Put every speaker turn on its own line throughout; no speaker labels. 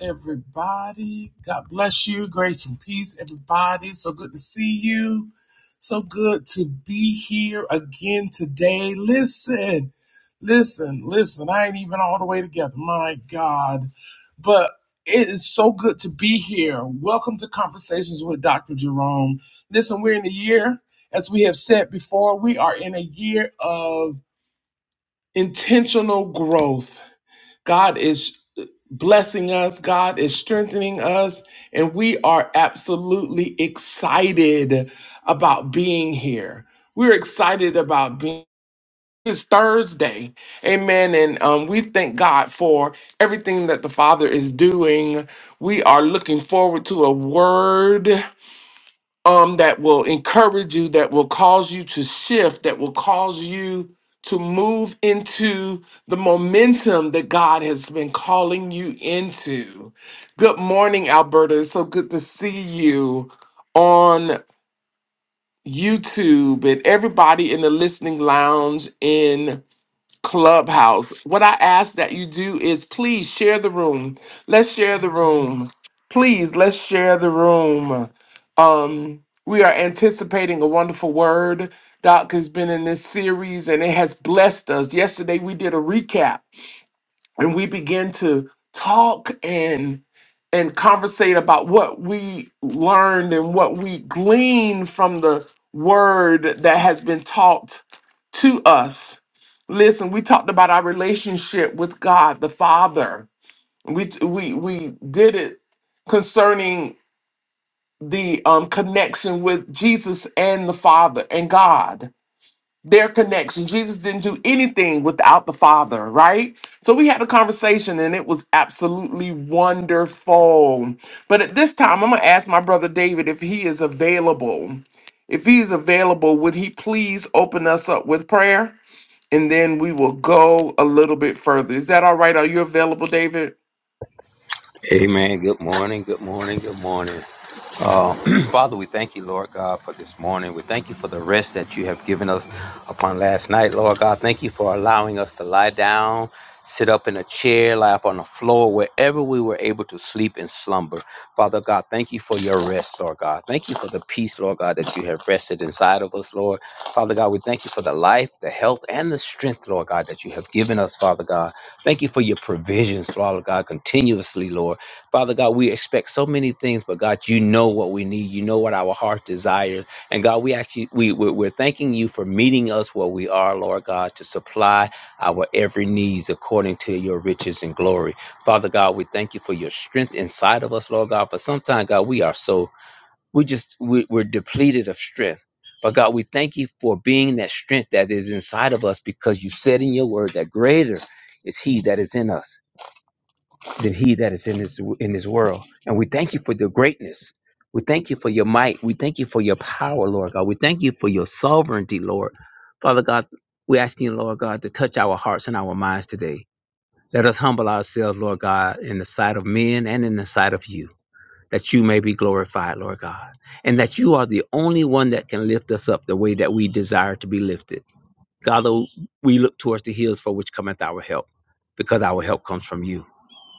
everybody. God bless you. Grace and peace, everybody. So good to see you. So good to be here again today. Listen, listen, listen. I ain't even all the way together. My God. But it is so good to be here. Welcome to Conversations with Dr. Jerome. Listen, we're in a year, as we have said before, we are in a year of intentional growth God is blessing us, God is strengthening us, and we are absolutely excited about being here. We're excited about being. It's Thursday, amen. And um, we thank God for everything that the Father is doing. We are looking forward to a word um, that will encourage you, that will cause you to shift, that will cause you to move into the momentum that God has been calling you into. Good morning, Alberta. It's so good to see you on YouTube and everybody in the listening lounge in Clubhouse. What I ask that you do is please share the room. Let's share the room. Please, let's share the room. Um, we are anticipating a wonderful word. Doc has been in this series and it has blessed us. Yesterday we did a recap and we begin to talk and and conversate about what we learned and what we gleaned from the word that has been taught to us. Listen, we talked about our relationship with God the Father. We we we did it concerning the um, connection with Jesus and the Father and God their connection. Jesus didn't do anything without the Father, right? So we had a conversation and it was absolutely wonderful. But at this time, I'm going to ask my brother David if he is available. If he is available, would he please open us up with prayer? And then we will go a little bit further. Is that all right? Are you available, David?
Amen. Good morning. Good morning. Good morning. Uh, Father, we thank you, Lord God, for this morning. We thank you for the rest that you have given us upon last night, Lord God. Thank you for allowing us to lie down, sit up in a chair, lie up on the floor, wherever we were able to sleep and slumber. Father God, thank you for your rest, Lord God. Thank you for the peace, Lord God, that you have rested inside of us, Lord. Father God, we thank you for the life, the health, and the strength, Lord God, that you have given us, Father God. Thank you for your provisions, Father God, continuously, Lord. Father God, we expect so many things, but God, you know what we need. You know what our heart desires. And God, we actually we we're, we're thanking you for meeting us where we are, Lord God, to supply our every needs according to your riches and glory. Father God, we thank you for your strength inside of us, Lord God. But sometimes, God, we are so we just we, we're depleted of strength. But God, we thank you for being that strength that is inside of us because you said in your word that greater is he that is in us than he that is in this in this world. And we thank you for your greatness. We thank you for your might. We thank you for your power, Lord God. We thank you for your sovereignty, Lord. Father God, we ask you, Lord God, to touch our hearts and our minds today. Let us humble ourselves, Lord God, in the sight of men and in the sight of you, that you may be glorified, Lord God. And that you are the only one that can lift us up the way that we desire to be lifted. God, though we look towards the hills for which cometh our help, because our help comes from you.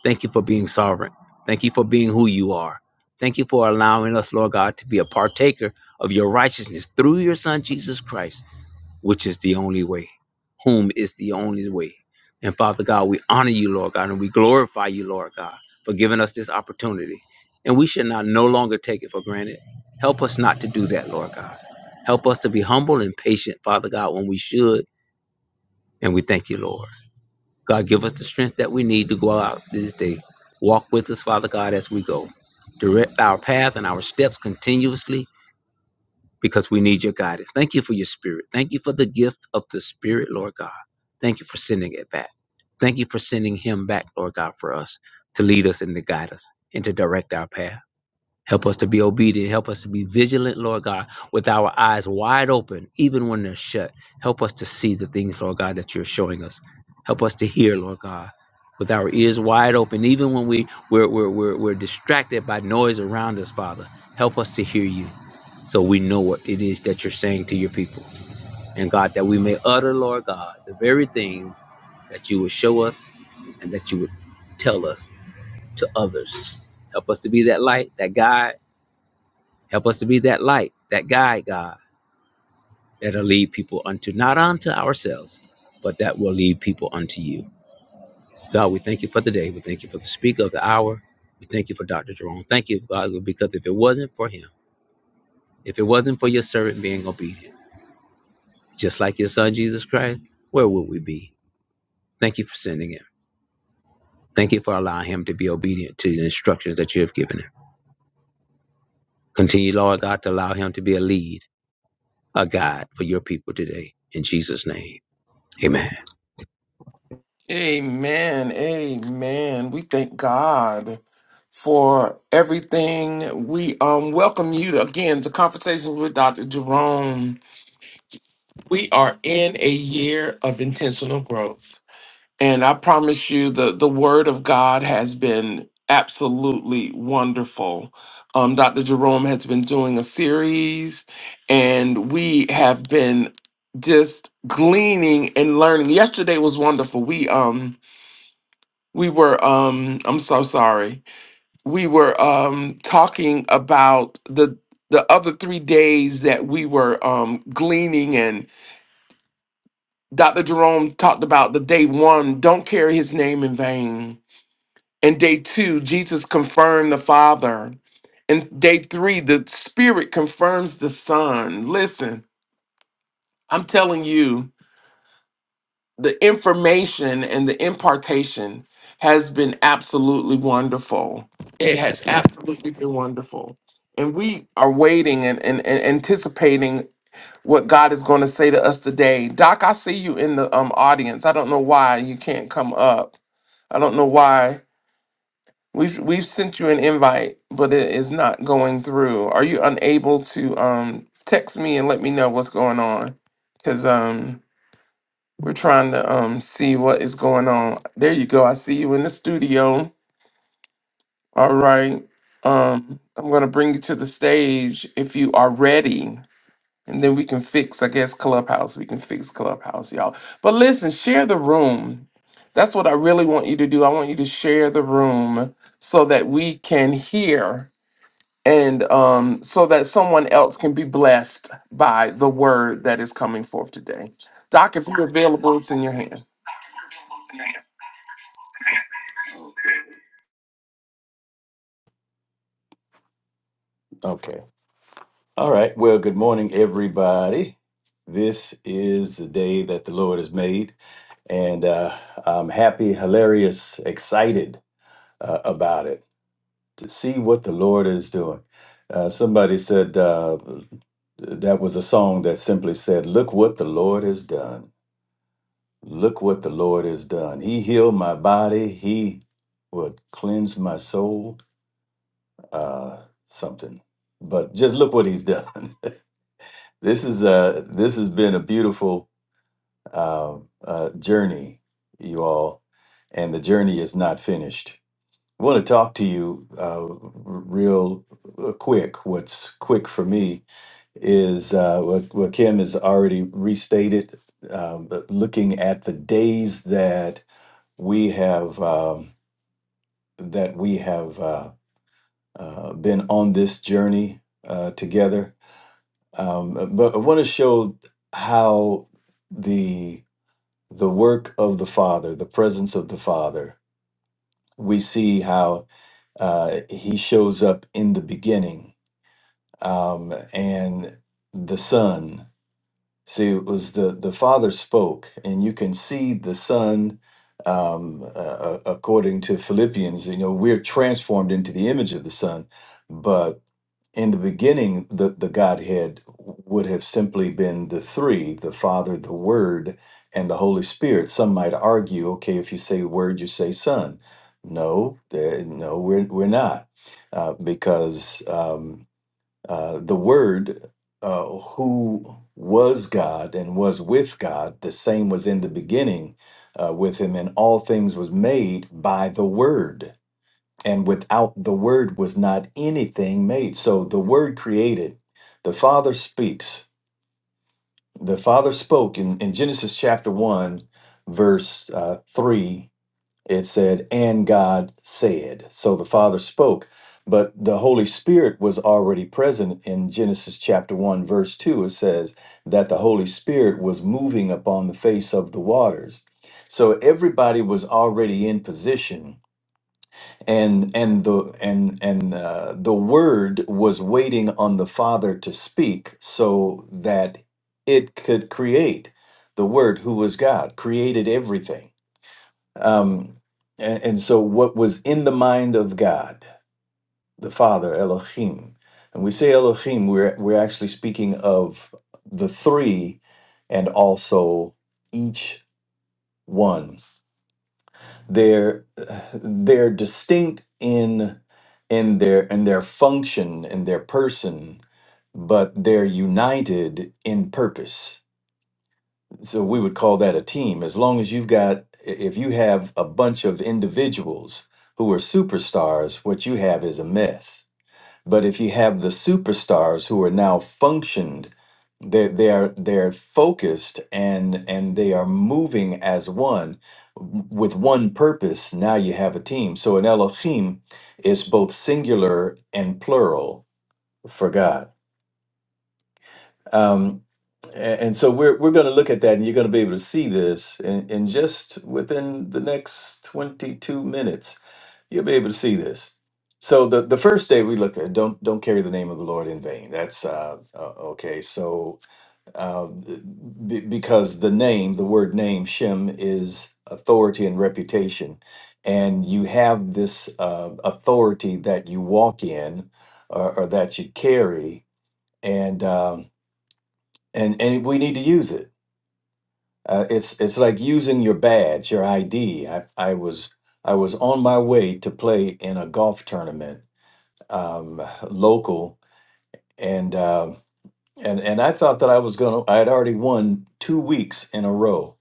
Thank you for being sovereign. Thank you for being who you are. Thank you for allowing us, Lord God, to be a partaker of your righteousness through your Son, Jesus Christ, which is the only way, whom is the only way. And Father God, we honor you, Lord God, and we glorify you, Lord God, for giving us this opportunity. And we should not no longer take it for granted. Help us not to do that, Lord God. Help us to be humble and patient, Father God, when we should. And we thank you, Lord. God, give us the strength that we need to go out this day. Walk with us, Father God, as we go. Direct our path and our steps continuously because we need your guidance. Thank you for your spirit. Thank you for the gift of the spirit, Lord God. Thank you for sending it back. Thank you for sending him back, Lord God, for us to lead us and to guide us and to direct our path. Help us to be obedient. Help us to be vigilant, Lord God, with our eyes wide open, even when they're shut. Help us to see the things, Lord God, that you're showing us. Help us to hear, Lord God, with our ears wide open, even when we, we're, we're, we're, we're distracted by noise around us, Father. Help us to hear you so we know what it is that you're saying to your people. And God, that we may utter, Lord God, the very thing that you would show us and that you would tell us to others. Help us to be that light, that guide Help us to be that light, that guide, God, that'll lead people unto not unto ourselves, but that will lead people unto you. God, we thank you for the day. We thank you for the speaker of the hour. We thank you for Dr. Jerome. Thank you, God, because if it wasn't for him, if it wasn't for your servant being obedient, just like your son Jesus Christ, where would we be? Thank you for sending him. Thank you for allowing him to be obedient to the instructions that you have given him. Continue, Lord God, to allow him to be a lead, a guide for your people today. In Jesus' name, amen.
Amen. Amen. We thank God for everything. We um welcome you again to Conversations with Dr. Jerome. We are in a year of intentional growth. And I promise you the the word of God has been absolutely wonderful. Um Dr. Jerome has been doing a series and we have been just gleaning and learning. Yesterday was wonderful. We um we were um i'm so sorry we were um talking about the the other three days that we were um gleaning and dr jerome talked about the day one don't carry his name in vain and day two jesus confirmed the father and day three the spirit confirms the son listen i'm telling you the information and the impartation has been absolutely wonderful. It has absolutely been wonderful. And we are waiting and, and, and anticipating what God is going to say to us today. Doc, I see you in the um, audience. I don't know why you can't come up. I don't know why. We've, we've sent you an invite, but it is not going through. Are you unable to um, text me and let me know what's going on? Because we're trying to um see what is going on. There you go. I see you in the studio. All right. Um, I'm gonna bring you to the stage if you are ready. And then we can fix, I guess, Clubhouse. We can fix Clubhouse, y'all. But listen, share the room. That's what I really want you to do. I want you to share the room so that we can hear and um, so that someone else can be blessed by the word that is coming forth today. Doc, if you're available, it's in your hand.
Okay. All right. Well, good morning, everybody. This is the day that the Lord has made, and uh, I'm happy, hilarious, excited uh, about it to see what the Lord is doing. Uh, somebody said uh, that was a song that simply said, Look what the Lord has done. Look what the Lord has done. He healed my body, He would cleanse my soul, uh, something. But just look what He's done. This is uh this has been a beautiful uh, uh, journey, you all, and the journey is not finished. I want to talk to you uh, r- real uh, quick. What's quick for me is uh, what, what Kim has already restated. Um, but looking at the days that we have um, that we have uh, uh, been on this journey uh, together, Um, but I want to show how the the work of the Father, the presence of the Father, we see how uh, He shows up in the beginning, um, and the Son. See, it was the the Father spoke, and you can see the Son. Um, uh, uh, according to Philippians, you know, we're transformed into the image of the Son, but in the beginning, the the Godhead would have simply been the three: the Father, the Word, and the Holy Spirit. Some might argue, okay, if you say Word, you say Son. No, there- no, we're we're not, uh, because. Um, uh, the Word, uh, who was God and was with God, the same was in the beginning uh, with Him, and all things was made by the Word. And without the Word was not anything made. So the Word created. The Father speaks. The Father spoke in, in Genesis chapter 1, verse uh, 3 it said, and God said. So the Father spoke, but the Holy Spirit was already present in Genesis chapter 1, verse 2. It says that the Holy Spirit was moving upon the face of the waters. So everybody was already in position. And and the and and uh, the word was waiting on the Father to speak, so that it could create. The Word, who was God, created everything. Um, and, and so, what was in the mind of God, the Father, Elohim, and we say Elohim, we're we're actually speaking of the three, and also each one. They're they're distinct in in their in their function in their person, but they're united in purpose So we would call that a team. As long as you've got, i- if you have a bunch of individuals who are superstars, what you have is a mess. But if you have the superstars who are now functioned, they they are they're focused and and they are moving as one w- with one purpose. Now you have a team. So an Elohim is both singular and plural for God. Um, a- and, so we're we're going to look at that, and you're going to be able to see this in, in just within the next 22 minutes. You'll be able to see this. So the the first day we looked at don't don't carry the name of the Lord in vain. That's uh, uh okay. So uh, b- because the name, the word name, Shem is authority and reputation, and you have this uh, authority that you walk in or, or that you carry, and. Um, and and we need to use it. Uh, it's it's like using your badge, your ID. I I was I was on my way to play in a golf tournament, um, local, and uh, and and I thought that I was gonna. I had already won two weeks in a row,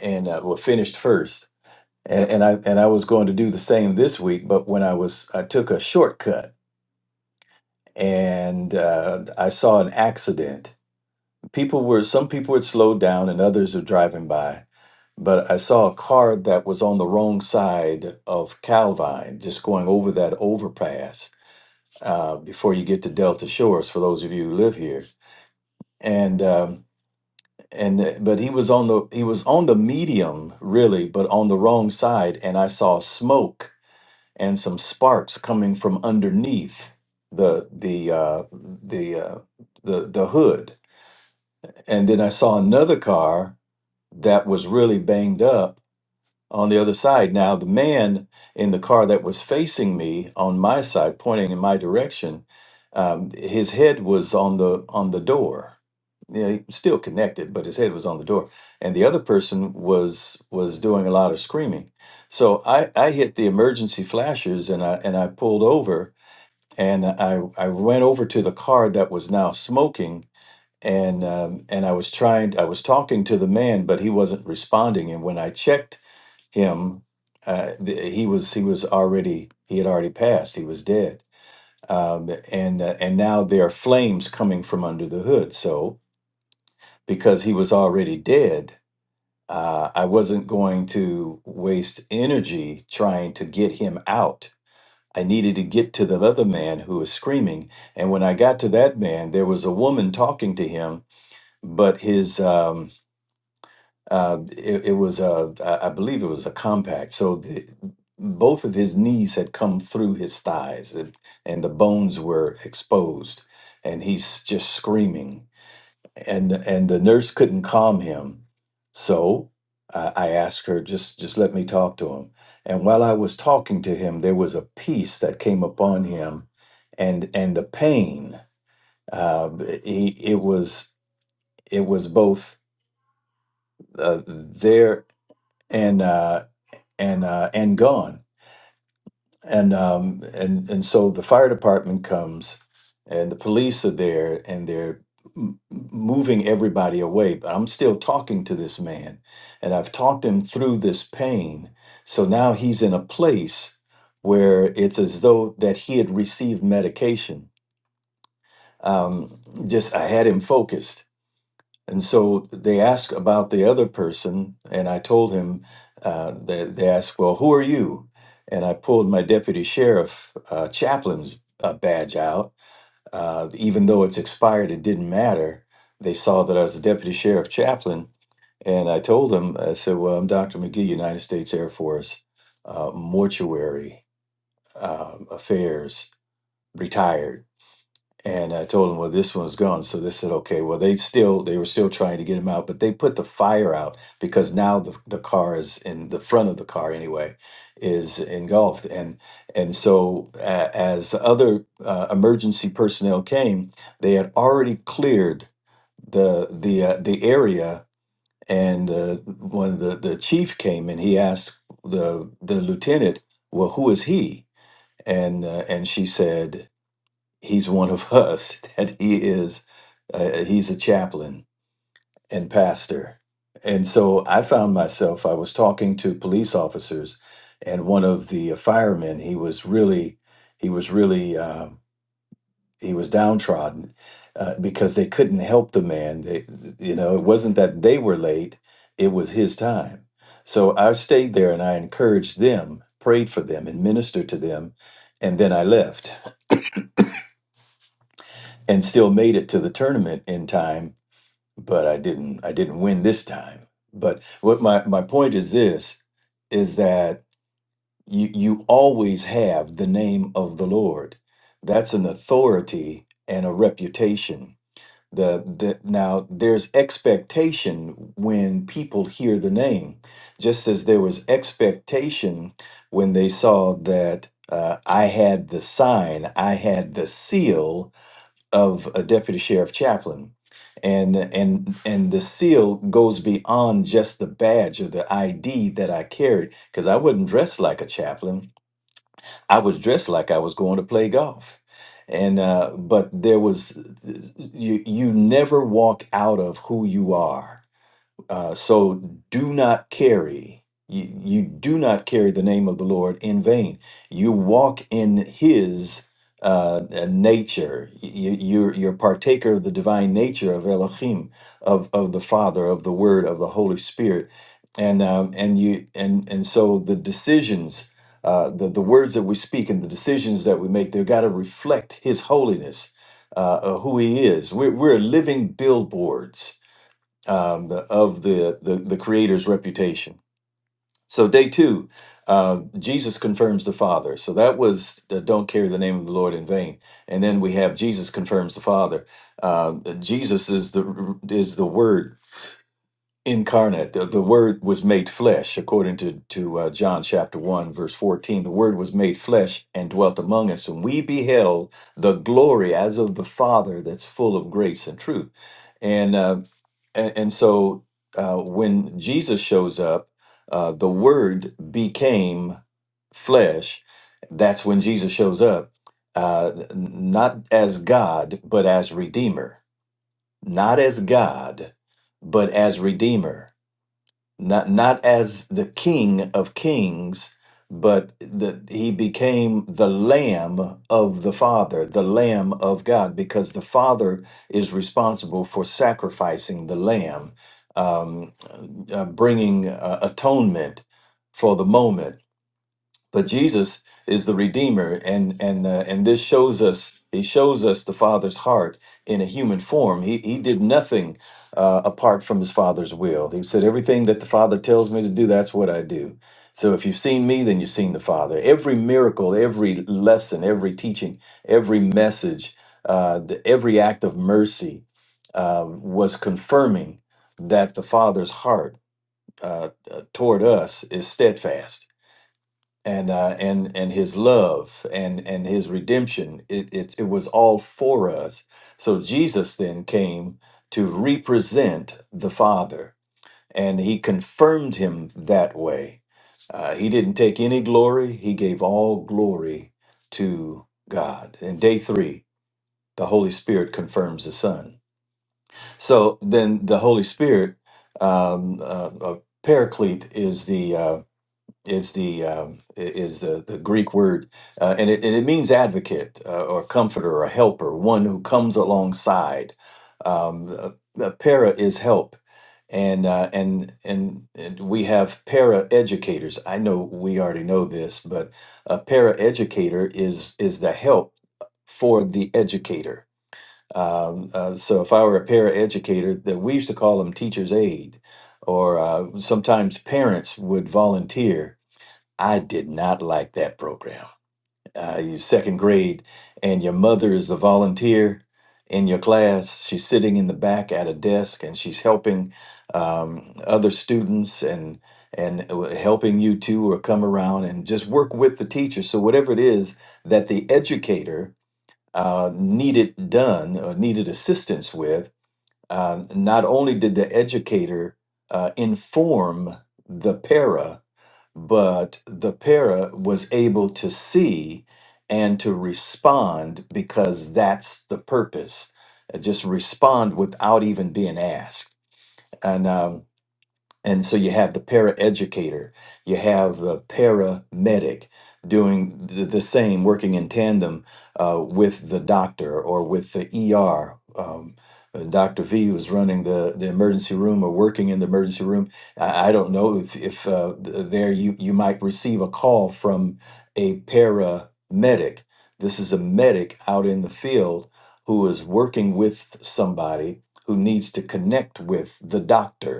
and uh, well, finished first. And, and I and I was going to do the same this week, but when I was I took a shortcut and uh, I saw an accident. People were some people had slowed down and others were driving by, but I saw a car that was on the wrong side of Calvine, just going over that overpass uh, before you get to Delta Shores. For those of you who live here, and um, and uh, but he was on the he was on the medium really, but on the wrong side, and I saw smoke and some sparks coming from underneath the the uh, the uh, the the hood, and then I saw another car that was really banged up on the other side. Now, the man in the car that was facing me on my side, pointing in my direction, um, his head was on the on the door. You know, he was still connected, but his head was on the door, and the other person was was doing a lot of screaming. So I I hit the emergency flashers and I and I pulled over and I I went over to the car that was now smoking and um, and I was trying I was talking to the man, but he wasn't responding. And when I checked him. Uh, th- he was he was already he had already passed. He was dead, um, and uh, and now there are flames coming from under the hood. So because he was already dead, uh, I wasn't going to waste energy trying to get him out. I needed to get to the other man who was screaming. And when I got to that man, there was a woman talking to him, but his um, Uh, it, it was a, I I believe it was a compact. So the, both of his knees had come through his thighs, and, and the bones were exposed, and he's just screaming. And and the nurse couldn't calm him, so I, I asked her just just let me talk to him. And while I was talking to him, there was a peace that came upon him, and and the pain. Uh, he, it was it was both uh, there and. uh, and uh, and gone. And um, and and so the fire department comes, and the police are there, and they're m- moving everybody away. But I'm still talking to this man, and I've talked him through this pain. So now he's in a place where it's as though that he had received medication. Um, just I had him focused and so they asked about the other person, and I told him, uh, they, they asked, Well, who are you? And I pulled my deputy sheriff uh, chaplain's uh, badge out. Uh, even though it's expired, it didn't matter. They saw that I was a deputy sheriff chaplain. And I told them, I said, Well, I'm Dr. McGee, United States Air Force, uh, mortuary uh, affairs, retired and I told them, well, this one's gone. So they said, okay, well, they still they were still trying to get him out, but they put the fire out because now the, the car is in the front of the car anyway is engulfed, and and so uh, as other uh, emergency personnel came, they had already cleared the the uh, the area, and uh, when the the chief came and he asked the the lieutenant, well, who is he? And uh, and she said he's one of us that he is uh, he's a chaplain and pastor and so i found myself i was talking to police officers and one of the uh, firemen he was really he was really uh, he was downtrodden uh, because they couldn't help the man they, you know it wasn't that they were late it was his time so i stayed there and i encouraged them prayed for them and ministered to them and then i left and still made it to the tournament in time but I didn't I didn't win this time. But what my my point is this is that you you always have the name of the Lord. That's an authority and a reputation. The, the now there's expectation when people hear the name, just as there was expectation when they saw that uh, I had the sign, I had the seal, of a deputy sheriff chaplain and and and the seal goes beyond just the badge or the id that i carried because i wasn't dressed like a chaplain i was dressed like i was going to play golf and uh but there was uh, you you never walk out of who you are uh, so do not carry, you, you do not carry the name of the Lord in vain. You walk in his uh, uh, nature. You, you're, you're partaker of the divine nature of Elohim, of, of the Father, of the Word, of the Holy Spirit. And, um, and you and and so the decisions, uh, the the words that we speak and the decisions that we make, they've got to reflect His holiness, uh, uh, who He is. We're, we're living billboards um, the, of the, the the creator's reputation. So day two, uh, Jesus confirms the Father. So that was uh, don't carry the name of the Lord in vain. And then we have Jesus confirms the Father. Uh, Jesus is the is the Word incarnate. The, the Word was made flesh, according to to uh, John chapter one verse fourteen. The Word was made flesh and dwelt among us, and we beheld the glory as of the Father, that's full of grace and truth. And uh, and, and so uh, when Jesus shows up, uh, the Word became flesh. That's when Jesus shows up, uh, n- not as God, but as Redeemer. Not as God, but as Redeemer not not as the king of kings but that he became the lamb of the father the lamb of god because the father is responsible for sacrificing the lamb um, uh, bringing uh, atonement for the moment but Jesus is the Redeemer, and and uh, and this shows us he shows us the Father's heart in a human form. He he did nothing uh, apart from his Father's will. He said, "Everything that the Father tells me to do, that's what I do." So if you've seen me, then you've seen the Father. Every miracle, every lesson, every teaching, every message, uh, the, every act of mercy uh, was confirming that the Father's heart uh, uh, toward us is steadfast and uh, and and his love and and his redemption it, it it was all for us so jesus then came to represent the father and he confirmed him that way uh, he didn't take any glory he gave all glory to god and day three the holy spirit confirms the son so then the holy spirit um, uh, uh, paraclete is the uh, is the um, i- is the, the Greek word, uh, and it and it means advocate uh, or comforter or helper, one who comes alongside. Um, uh, uh, para is help, and uh, and and and we have para educators. I know we already know this, but a para educator is is the help for the educator. Um, uh, so if I were a para educator, that we used to call them teachers aid, or uh, sometimes parents would volunteer I did not like that program. Uh, you second grade, and your mother is a volunteer in your class. She's sitting in the back at a desk, and she's helping um, other students and and uh, w- helping you too, or come around and just work with the teacher. So whatever it is that the educator uh, needed done or needed assistance with, uh, not only did the educator uh, inform the para but the para was able to see and to respond because that's the purpose. Uh, Just respond without even being asked. and. uh, and so you have the paraeducator, you have the paramedic doing the, the same, working in tandem uh, with the doctor or with the ER. Um, uh, Dr. V was running the, the emergency room or working in the emergency room. I, I don't know if, if uh, th- there you, you might receive a call from a paramedic. This is a medic out in the field who is working with somebody who needs to connect with the doctor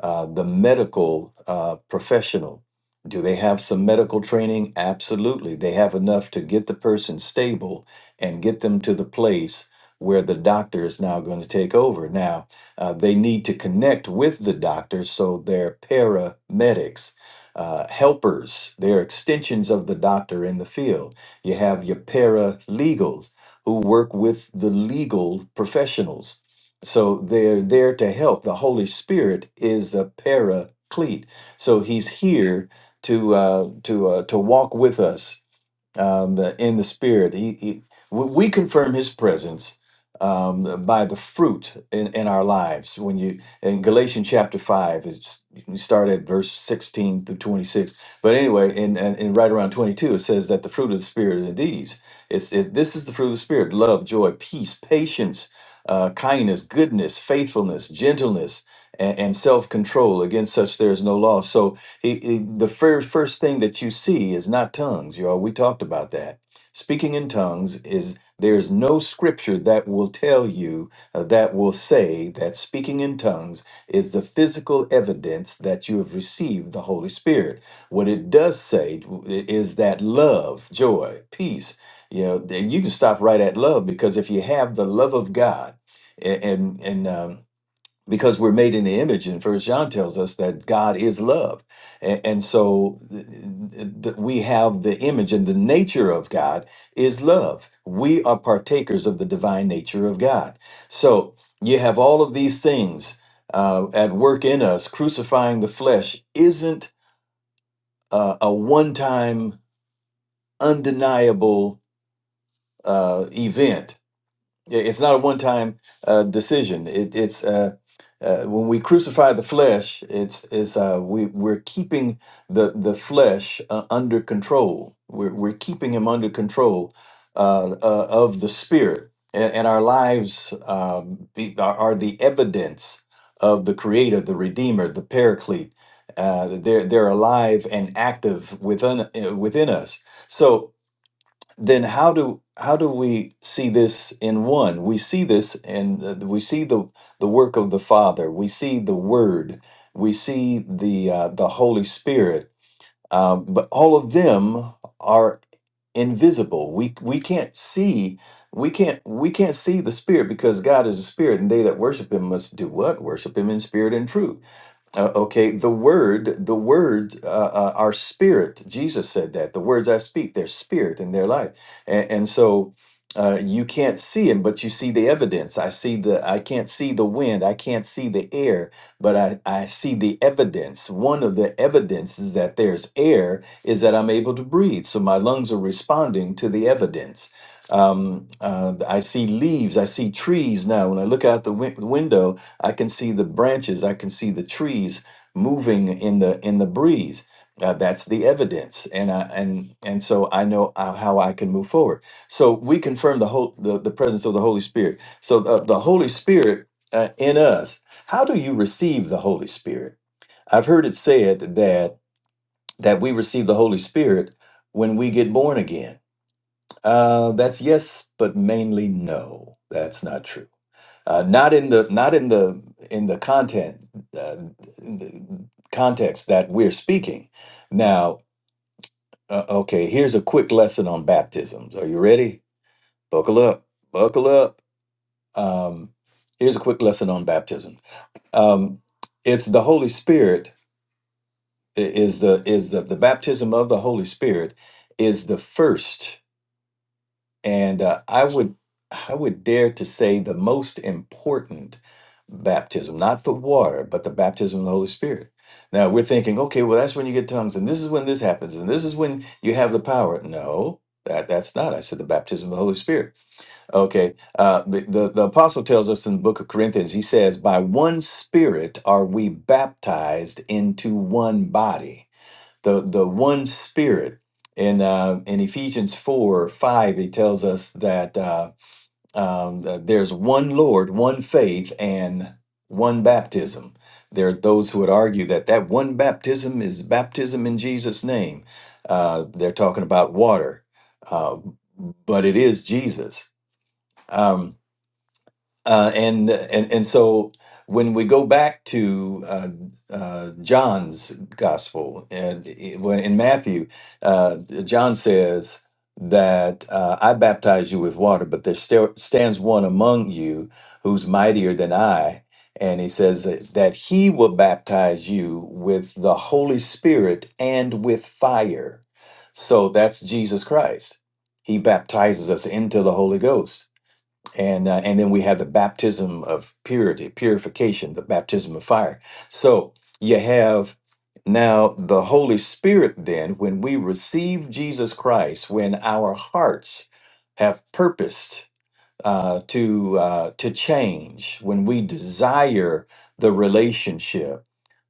uh, the medical uh, professional, do they have some medical training? Absolutely. They have enough to get the person stable and get them to the place where the doctor is now going to take over. Now, uh, they need to connect with the doctor, so they're paramedics. Uh, helpers, they're extensions of the doctor in the field. You have your paralegals who work with the legal professionals so they're there to help. The Holy Spirit is the paraclete. So he's here to uh, to uh, to walk with us um, in the spirit. He, he, we we confirm his presence um, by the fruit in, in our lives. When you in Galatians chapter five, it's, you can start at verse sixteen through twenty six. But anyway, in, in, in right around twenty two, it says that the fruit of the spirit are these. It's it, this is the fruit of the spirit: love, joy, peace, patience, uh, kindness, goodness, faithfulness, gentleness. And self control. Against such there is no law. So he, he- the very first thing that you see is not tongues, y'all. We talked about that. Speaking in tongues is there's no scripture that will tell you uh, that will say that speaking in tongues is the physical evidence that you have received the Holy Spirit. What it does say is that love, joy, peace. You know, you can stop right at love because if you have the love of God, and and um, because we're made in the image and first john tells us that god is love and, and so th- th- we have the image and the nature of god is love we are partakers of the divine nature of god so you have all of these things uh, at work in us crucifying the flesh isn't uh, a one-time undeniable uh, event Yeah, It's not a one-time uh, decision. It, it's uh, uh, when we crucify the flesh, it's is uh, we we're keeping the the flesh uh, under control. We're we're keeping him under control uh, uh, of the spirit, and, and our lives um, be, are, are the evidence of the Creator, the Redeemer, the Paraclete. Uh, they're they're alive and active within uh, within us. So then how do how do we see this in one we see this and we see the the work of the father we see the word we see the uh, the holy spirit um, but all of them are invisible we we can't see we can't we can't see the spirit because god is a spirit and they that worship him must do what worship him in spirit and truth uh, okay, the word, the word, uh, uh, our spirit. Jesus said that the words I speak, their spirit and their life, and, and so uh, you can't see him, but you see the evidence. I see the, I can't see the wind, I can't see the air, but I, I see the evidence. One of the evidences that there's air is that I'm able to breathe, so my lungs are responding to the evidence. Um, uh, I see leaves, I see trees now. When I look out the win- window, I can see the branches. I can see the trees moving in the in the breeze. Uh, that's the evidence, and I and and so I know uh, how I can move forward. So we confirm the whole the, the presence of the Holy Spirit. So the, the Holy Spirit uh, in us. How do you receive the Holy Spirit? I've heard it said that that we receive the Holy Spirit when we get born again. Uh, that's yes, but mainly no. That's not true uh, not in the not in the in the content uh, in the context that we're speaking now uh, okay here's a quick lesson on baptisms are you ready buckle up buckle up um, here's a quick lesson on baptism um, it's the holy spirit i- is the is the, the baptism of the holy spirit is the first And uh, I would I would dare to say the most important baptism, not the water, but the baptism of the Holy Spirit. Now we're thinking, okay, well that's when you get tongues, and this is when this happens, and this is when you have the power. No, that that's not. I said the baptism of the Holy Spirit. Okay, uh, the, the the apostle tells us in the book of Corinthians, he says, by one Spirit are we baptized into one body the the one spirit in uh, in Ephesians four five he tells us that uh, um, that there's one Lord, one faith, and one baptism. There are those who would argue that that one baptism is baptism in Jesus' name. Uh, they're talking about water, uh, but it is Jesus. Um, uh, and and and so when we go back to uh, uh, John's gospel and it- when in Matthew, uh, John says that uh, I baptize you with water, but there still stands one among you who's mightier than I, and he says that, that he will baptize you with the Holy Spirit and with fire. So that's Jesus Christ. He baptizes us into the Holy Ghost and uh, and then we have the baptism of purity, purification, the baptism of fire. So you have now the Holy Spirit. Then, when we receive Jesus Christ, when our hearts have purposed uh, to uh, to change when we desire the relationship.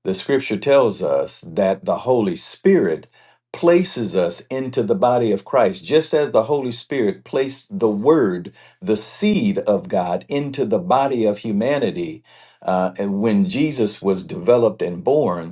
The Scripture tells us that the Holy Spirit places us into the body of Christ, just as the Holy Spirit placed the Word, the seed of God, into the body of humanity. Uh, and when Jesus was developed and born,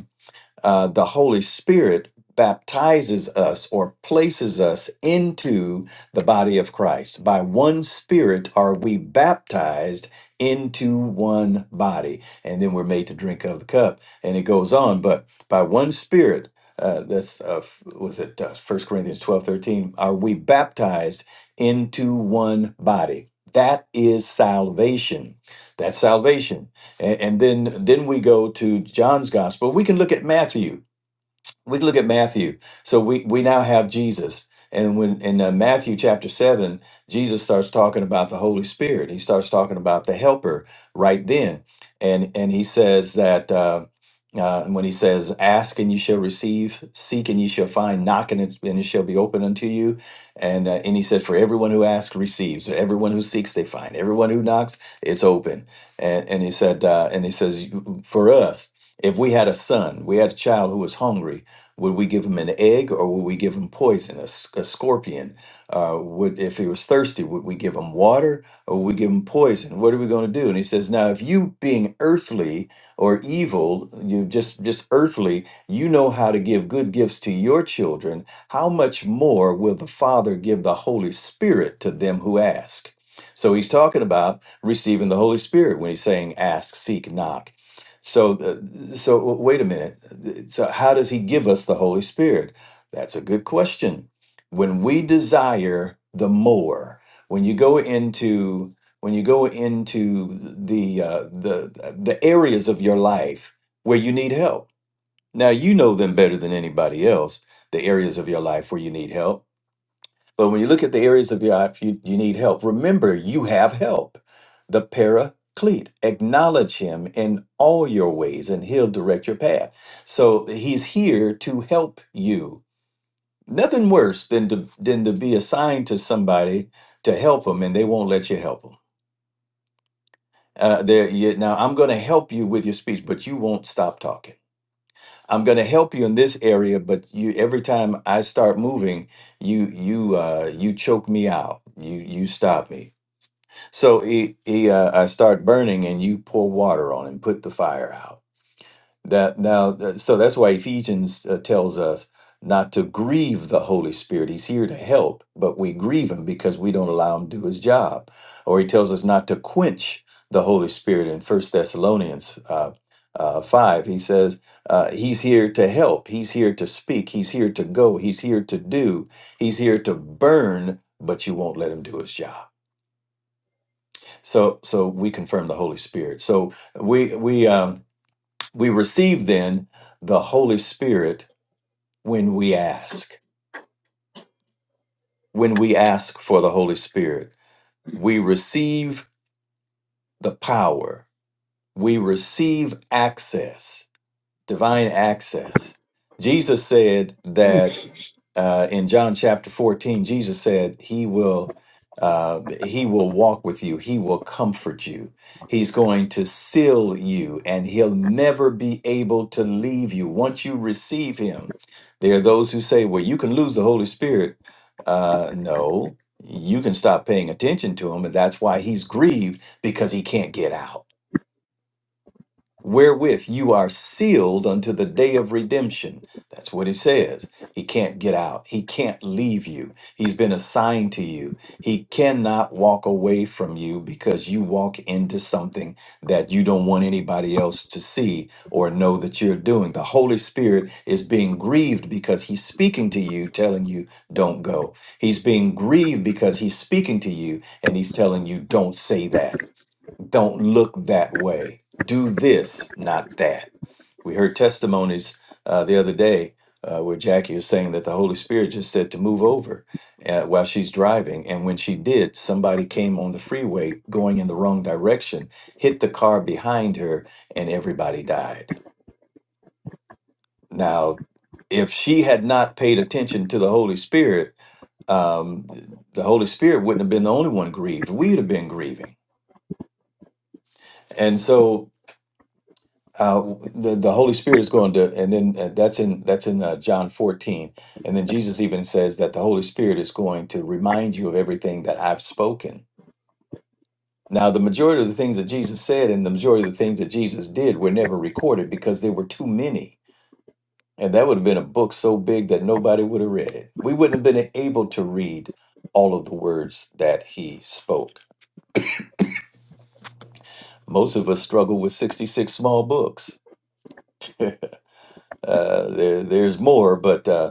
uh, the Holy Spirit baptizes us or places us into the body of Christ. By one Spirit are we baptized into one body, and then we're made to drink of the cup. And it goes on, but by one Spirit, uh, that's uh, f- was it uh, 1 Corinthians 12, 13: Are we baptized into one body? That is salvation. That's salvation and, and then then we go to John's gospel. We can look at Matthew we can look at Matthew. So we we now have Jesus, and when in uh, Matthew chapter seven, Jesus starts talking about the Holy Spirit. He starts talking about the Helper right then, and and he says that. Uh, uh, when he says, "Ask and you shall receive; seek and you shall find; knock and it, and it shall be open unto you," and uh, and he said, "For everyone who asks receives; So everyone who seeks they find; everyone who knocks it's open." And and he said, uh, and he says, "For us, if we had a son, we had a child who was hungry, would we give him an egg or would we give him poison, a, s- a scorpion? Uh, would if he was thirsty, would we give him water or would we give him poison? What are we going to do? And he says, now if you being earthly or evil, you just just earthly, you know how to give good gifts to your children. How much more will the Father give the Holy Spirit to them who ask? So he's talking about receiving the Holy Spirit when he's saying, ask, seek, knock. So, uh, so w- wait a minute. So, how does He give us the Holy Spirit? That's a good question. When we desire the more, when you go into when you go into the uh, the the areas of your life where you need help. Now you know them better than anybody else. The areas of your life where you need help but when you look at the areas of your life you, you need help, remember you have help, the paraclete. Acknowledge him in all your ways and he'll direct your path. So he's here to help you. Nothing worse than to, than to be assigned to somebody to help them and they won't let you help them. Uh, there, you, now I'm going to help you with your speech, but you won't stop talking. I'm going to help you in this area, but you every time I start moving, you you uh, you choke me out. You you stop me So he he uh, I start burning, and you pour water on and put the fire out. That now, that- so that's why Ephesians uh, tells us not to grieve the Holy Spirit. He's here to help, but we grieve him because we don't allow him to do his job. Or he tells us not to quench the Holy Spirit in First Thessalonians uh, uh, five. He says uh, he's here to help. He's here to speak. He's here to go. He's here to do. He's here to burn, but you won't let him do his job. So so we confirm the Holy Spirit. So we we um we receive then the Holy Spirit when we ask. When we ask for the Holy Spirit, we receive the power. We receive access, divine access. Jesus said that uh, in John chapter 14, Jesus said, He will. Uh, he will walk with you. He will comfort you. He's going to seal you and he'll never be able to leave you once you receive him. There are those who say, well, you can lose the Holy Spirit. Uh, no, you can stop paying attention to him. And that's why he's grieved because he can't get out wherewith you are sealed unto the day of redemption. That's what he says. He can't get out. He can't leave you. He's been assigned to you. He cannot walk away from you because you walk into something that you don't want anybody else to see or know that you're doing. The Holy Spirit is being grieved because he's speaking to you, telling you, don't go. He's being grieved because he's speaking to you and he's telling you, don't say that don't look that way. Do this, not that. We heard testimonies uh, the other day uh, where Jackie was saying that the Holy Spirit just said to move over uh, while she's driving. And when she did, somebody came on the freeway going in the wrong direction, hit the car behind her, and everybody died. Now, if she had not paid attention to the Holy Spirit, um, the Holy Spirit wouldn't have been the only one grieved. We'd have been grieving. And so uh, the the Holy Spirit is going to, and then uh, that's in that's in uh, John fourteen, and then Jesus even says that the Holy Spirit is going to remind you of everything that I've spoken. Now, the majority of the things that Jesus said and the majority of the things that Jesus did were never recorded because there were too many, and that would have been a book so big that nobody would have read it. We wouldn't have been able to read all of the words that he spoke. Most of us struggle with sixty six small books. Uh, there, there's more, but. Uh,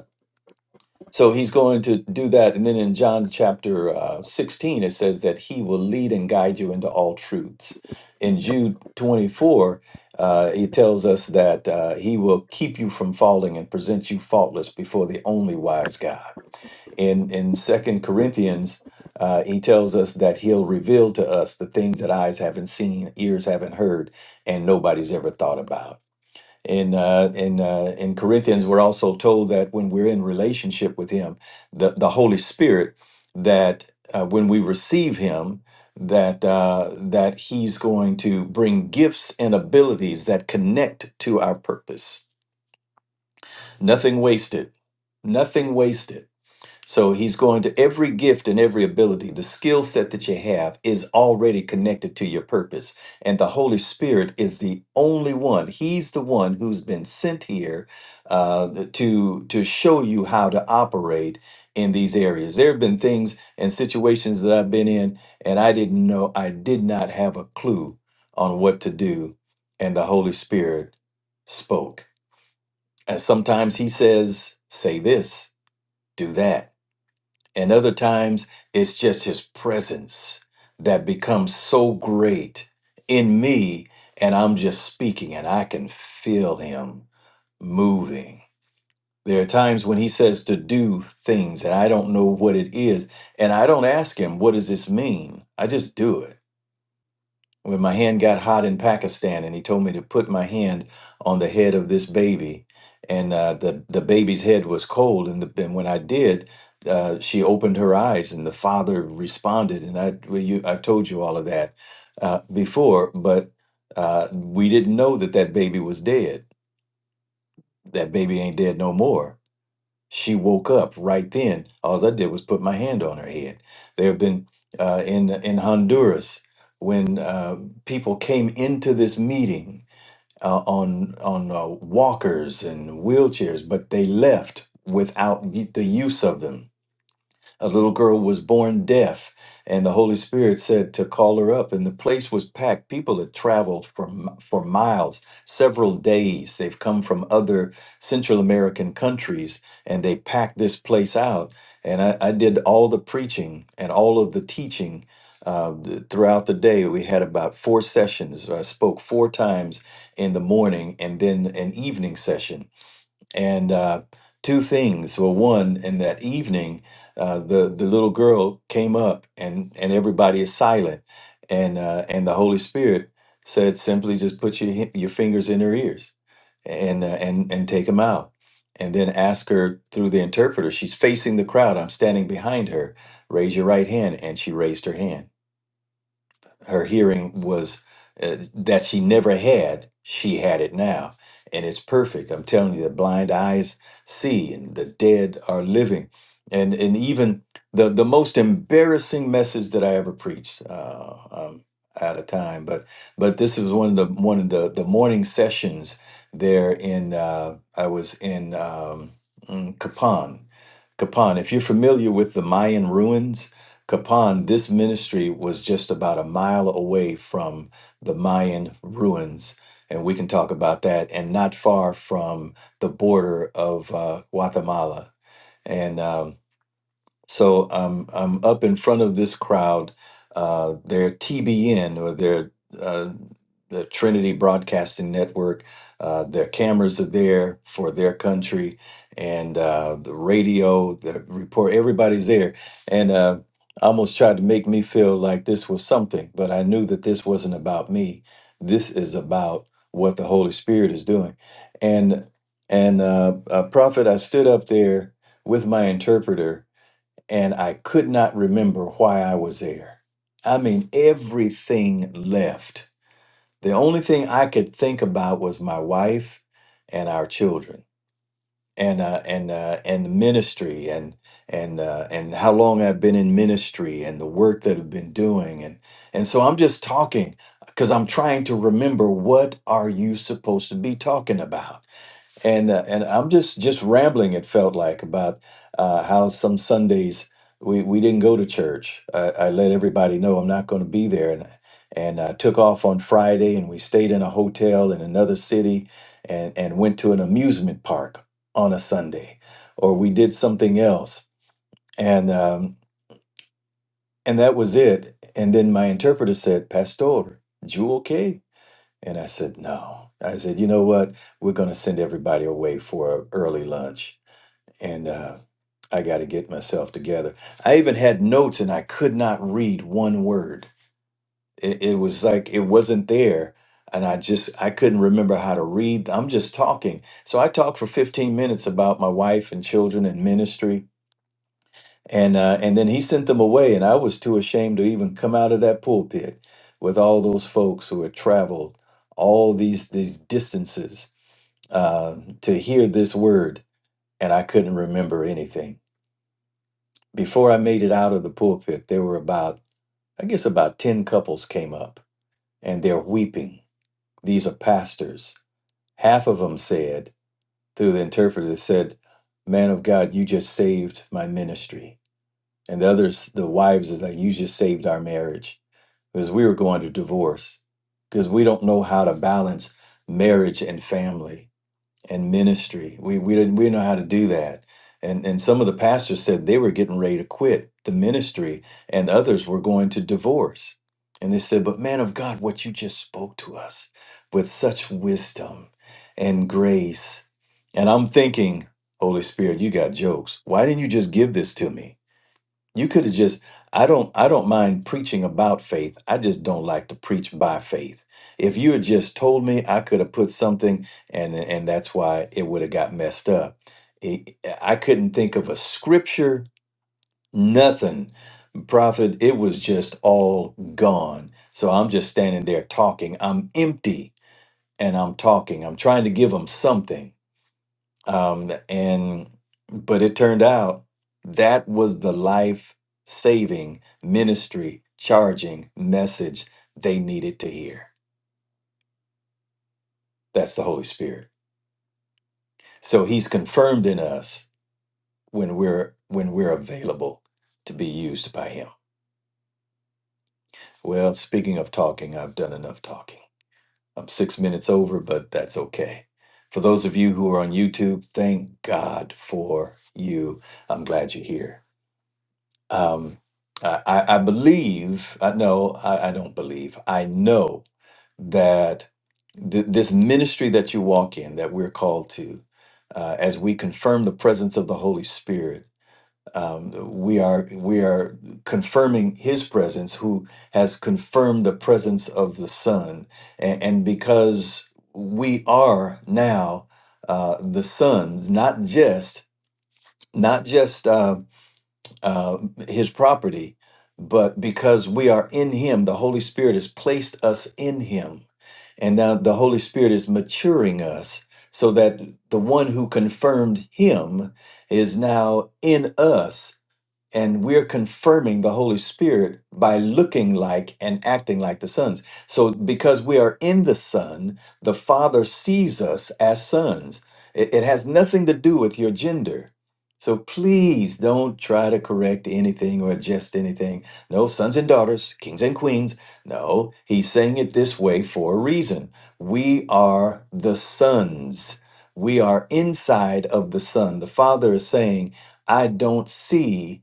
So he's going to do that. And then in John chapter uh, 16, it says that he will lead and guide you into all truths. In Jude 24, uh, he tells us that uh, he will keep you from falling and present you faultless before the only wise God. In, in Second Corinthians, uh, he tells us that he'll reveal to us the things that eyes haven't seen, ears haven't heard, and nobody's ever thought about in uh, in uh, in Corinthians, we're also told that when we're in relationship with Him, the the Holy Spirit, that uh, when we receive Him, that uh, that He's going to bring gifts and abilities that connect to our purpose. Nothing wasted. Nothing wasted. So he's going to every gift and every ability, the skill set that you have is already connected to your purpose. And the Holy Spirit is the only one. He's the one who's been sent here uh, to to show you how to operate in these areas. There have been things and situations that I've been in, and I didn't know, I did not have a clue on what to do. And the Holy Spirit spoke. And sometimes he says, say this, do that and other times it's just his presence that becomes so great in me, and I'm just speaking and I can feel him moving. There are times when he says to do things and I don't know what it is, and I don't ask him, What does this mean? I just do it when my hand got hot in Pakistan, and he told me to put my hand on the head of this baby, and uh, the the baby's head was cold, and, the, and when I did, uh, she opened her eyes, and the father responded, and I well, you, I told you all of that uh, before, but uh, we didn't know that that baby was dead. That baby ain't dead no more she woke up right then. All I did was put my hand on her head. There have been uh, in in Honduras when uh, people came into this meeting uh, on on uh, walkers and wheelchairs, but they left without the use of them a little girl was born deaf, and the Holy Spirit said to call her up, and the place was packed. People had traveled for, m- for miles, several days. They've come from other Central American countries, and they packed this place out. And I, I did all the preaching and all of the teaching uh, th- throughout the day. We had about four sessions. I spoke four times in the morning and then an evening session and uh, two things. Well, one, in that evening, uh, the the little girl came up, and and everybody is silent, and uh, and the Holy Spirit said simply, just put your hi- your fingers in her ears, and uh, and and take them out, and then ask her through the interpreter. She's facing the crowd. I'm standing behind her. Raise your right hand, and she raised her hand her hearing was uh, that she never had she had it now and it's perfect i'm telling you the blind eyes see and the dead are living and and even the the most embarrassing message that i ever preached uh um out of time but but this was one of the one of the the morning sessions there in uh i was in um mm, Kapan Kapan if you're familiar with the Mayan ruins Kapan, this ministry was just about a mile away from the Mayan ruins. And we can talk about that, and not far from the border of uh, Guatemala. And um, so I'm I'm up in front of this crowd. Uh, their TBN or their uh, the Trinity Broadcasting Network. Uh, their cameras are there for their country, and uh, the radio, the report. Everybody's there, and uh, almost tried to make me feel like this was something, but I knew that this wasn't about me. This is about what the Holy Spirit is doing, and and uh, uh, prophet, I stood up there with my interpreter and I could not remember why I was there. I mean, everything left. The only thing I could think about was my wife and our children, and uh, and uh, and ministry, and and uh, and how long I've been in ministry, and the work that I've been doing, and and so I'm just talking because I'm trying to remember what are you supposed to be talking about and uh, and I'm just just rambling. It felt like about uh, how some Sundays we we didn't go to church. I, I let everybody know I'm not going to be there, and and I took off on Friday, and we stayed in a hotel in another city, and and went to an amusement park on a Sunday, or we did something else, and um, and that was it. And then my interpreter said, "Pastor, you okay?" And I said, "No." I said, "You know what? We're going to send everybody away for early lunch." and uh, I got to get myself together. I even had notes and I could not read one word. It, it was like it wasn't there, and I just I couldn't remember how to read. I'm just talking, so I talked for 15 minutes about my wife and children and ministry, and uh, and then he sent them away, and I was too ashamed to even come out of that pulpit with all those folks who had traveled all these these distances uh, to hear this word, and I couldn't remember anything. before I made it out of the pulpit, there were about, I guess, about 10 couples came up and they're weeping. These are pastors. Half of them said, through the interpreter, they said, Man of God, you just saved my ministry. And the others, the wives, is like, You just saved our marriage because we were going to divorce because we don't know how to balance marriage and family and ministry. We we didn't we didn't know how to do that. And and some of the pastors said they were getting ready to quit the ministry and others were going to divorce. And they said, "But man of God, what you just spoke to us with such wisdom and grace." And I'm thinking, Holy Spirit, you got jokes. Why didn't you just give this to me? You could have just I don't I don't mind preaching about faith. I just don't like to preach by faith. If you had just told me, I could have put something and and that's why it would have got messed up. It- I couldn't think of a scripture, nothing. Prophet, it was just all gone. So I'm just standing there talking. I'm empty and I'm talking. I'm trying to give them something um, and but it turned out that was the life saving ministry charging message they needed to hear that's the holy spirit so he's confirmed in us when we're when we're available to be used by him well speaking of talking i've done enough talking i'm six minutes over but that's okay for those of you who are on youtube thank god for you i'm glad you're here um, I, I I believe, I no, I, I don't believe, I know that th- this ministry that you walk in, that we're called to, uh, as we confirm the presence of the Holy Spirit, um, we are we are confirming His presence, who has confirmed the presence of the Son, and, and because we are now uh, the sons, not just not just. uh, uh, his property, but because we are in him, the Holy Spirit has placed us in him. And now the Holy Spirit is maturing us so that the one who confirmed him is now in us and we're confirming the Holy Spirit by looking like and acting like the sons. So, because we are in the Son, the Father sees us as sons. It, it has nothing to do with your gender. So, please don't try to correct anything or adjust anything. No, sons and daughters, kings and queens. No, he's saying it this way for a reason. We are the sons. We are inside of the Son. The Father is saying, I don't see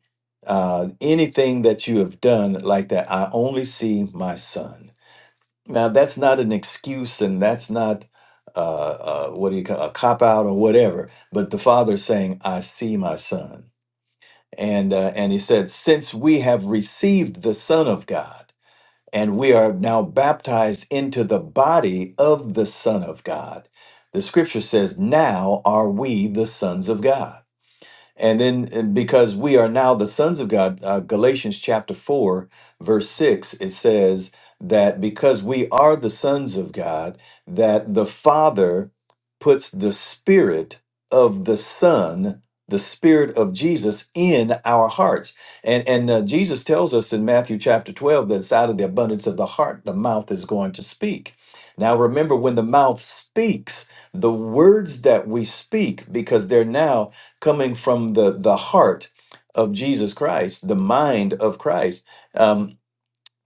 uh, anything that you have done like that, I only see my son. Now, that's not an excuse and that's not, uh, uh, what do you call a cop out or whatever, but the father's saying, I see my son. And, uh, and he said, Since we have received the Son of God and we are now baptized into the body of the Son of God, the scripture says, Now are we the sons of God. And then and because we are now the sons of God, uh, Galatians chapter 4, verse 6, it says that because we are the sons of God, that the Father puts the Spirit of the Son, the Spirit of Jesus, in our hearts. And, and uh, Jesus tells us in Matthew chapter 12 that it's out of the abundance of the heart the mouth is going to speak. Now, remember, when the mouth speaks, the words that we speak, because they're now coming from the the heart of Jesus Christ, the mind of Christ. Um,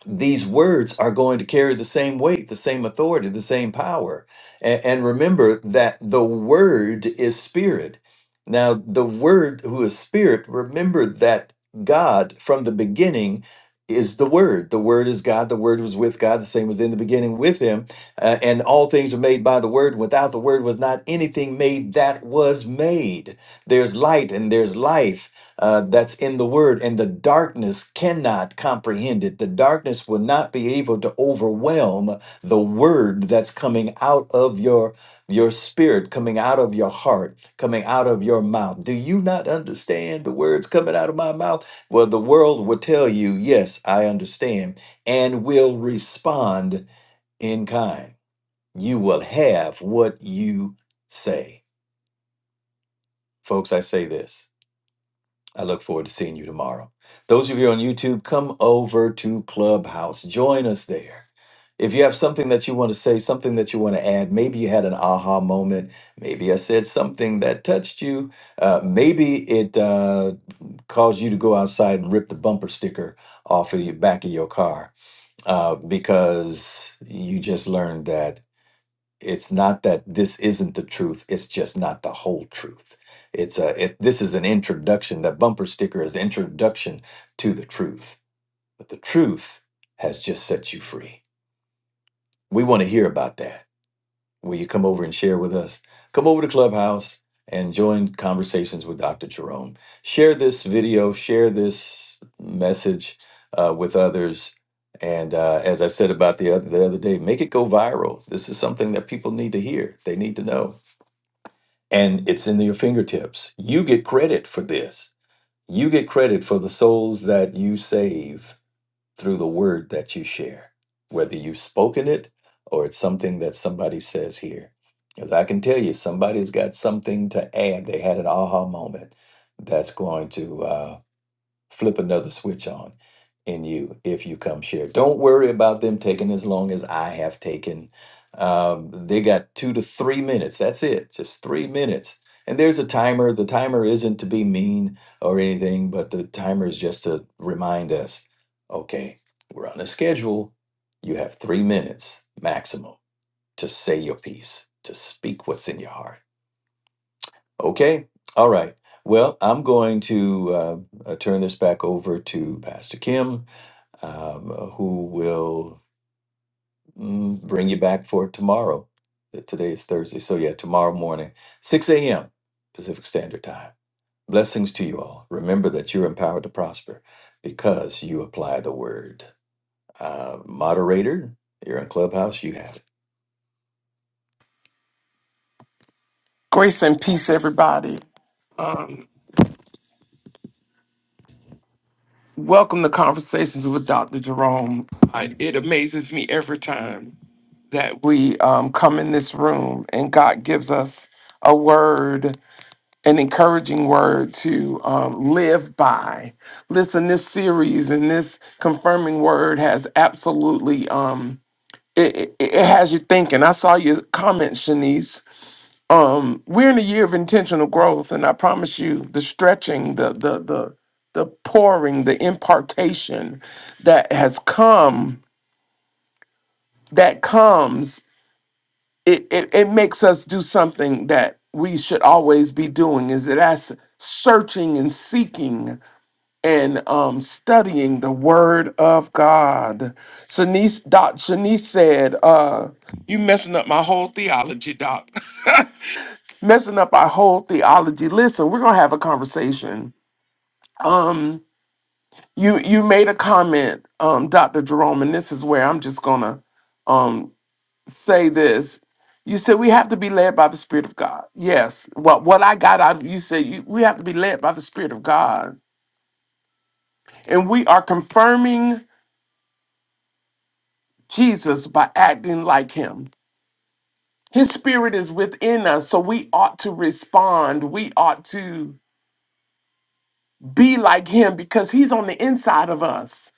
these words are going to carry the same weight, the same authority, the same power. And, and remember that the word is spirit. Now, the word who is spirit, remember that God from the beginning is the word. The word is God. The word was with God. The same was in the beginning with him. Uh, and all things were made by the word. Without the word was not anything made that was made. There's light and there's life uh, that's in the word, and the darkness cannot comprehend it. The darkness will not be able to overwhelm the word that's coming out of your your spirit, coming out of your heart, coming out of your mouth. Do you not understand the words coming out of my mouth? Well, the world will tell you, yes, I understand, and will respond in kind. You will have what you say. Folks, I say this. I look forward to seeing you tomorrow. Those of you on YouTube, come over to Clubhouse. Join us there. If you have something that you want to say, something that you want to add, maybe you had an aha moment, maybe I said something that touched you, uh, maybe it uh, caused you to go outside and rip the bumper sticker off of the back of your car uh, because you just learned that it's not that this isn't the truth it's just not the whole truth it's a it, this is an introduction that bumper sticker is introduction to the truth but the truth has just set you free we want to hear about that will you come over and share with us come over to clubhouse and join conversations with dr jerome share this video share this message uh, with others and uh, as i said about the other, the other day make it go viral this is something that people need to hear they need to know and it's in your fingertips. You get credit for this. You get credit for the souls that you save through the word that you share, whether you've spoken it or it's something that somebody says here. Because I can tell you, somebody's got something to add. They had an aha moment that's going to. uh, flip another switch on in you if you come share. Don't worry about them taking as long as I have taken. Um, they got two to three minutes. That's it, just three minutes. And there's a timer. The timer isn't to be mean or anything, but the timer is just to remind us okay, we're on a schedule. You have three minutes maximum to say your piece, to speak what's in your heart Okay. All right. Well, I'm going to uh, uh, turn this back over to Pastor Kim, um, uh, who will mm, bring you back for tomorrow. Uh, Today is Thursday. So, yeah, tomorrow morning, 6 a.m. Pacific Standard Time. Blessings to you all. Remember that you're empowered to prosper because you apply the word. Uh, moderator, you're in Clubhouse, you have it.
Grace and peace, everybody. Um, welcome to Conversations with Dr. Jerome. I, it amazes me every time that we um, come in this room and God gives us a word, an encouraging word to um, live by. Listen, this series and this confirming word has absolutely, um, it, it, it has you thinking. I saw your comment, Shanice, um we're in a year of intentional growth and i promise you the stretching the the the the pouring the impartation that has come that comes it it, it makes us do something that we should always be doing is that that's searching and seeking and um studying the word of god shanice doc shanice said uh you messing up my whole theology doc messing up our whole theology. Listen, we're gonna have a conversation. Um, you you made a comment, um, Dr. Jerome, and this is where I'm just gonna um say this. You said we have to be led by the Spirit of God. Yes. What what I got out of you said you, we have to be led by the Spirit of God, and we are confirming Jesus by acting like Him. His spirit is within us, so we ought to respond. We ought to be like him because he's on the inside of us.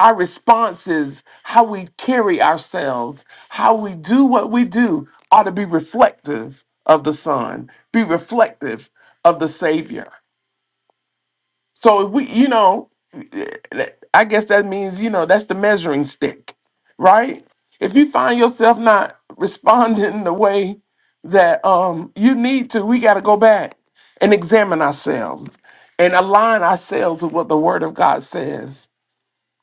our responses, how we carry ourselves, how we do what we do ought to be reflective of the Son, be reflective of the Savior. So if we, you know, I guess that means, you know, that's the measuring stick, right? If you find yourself not responding the way that um you need to, we gotta go back and examine ourselves and align ourselves with what the word of God says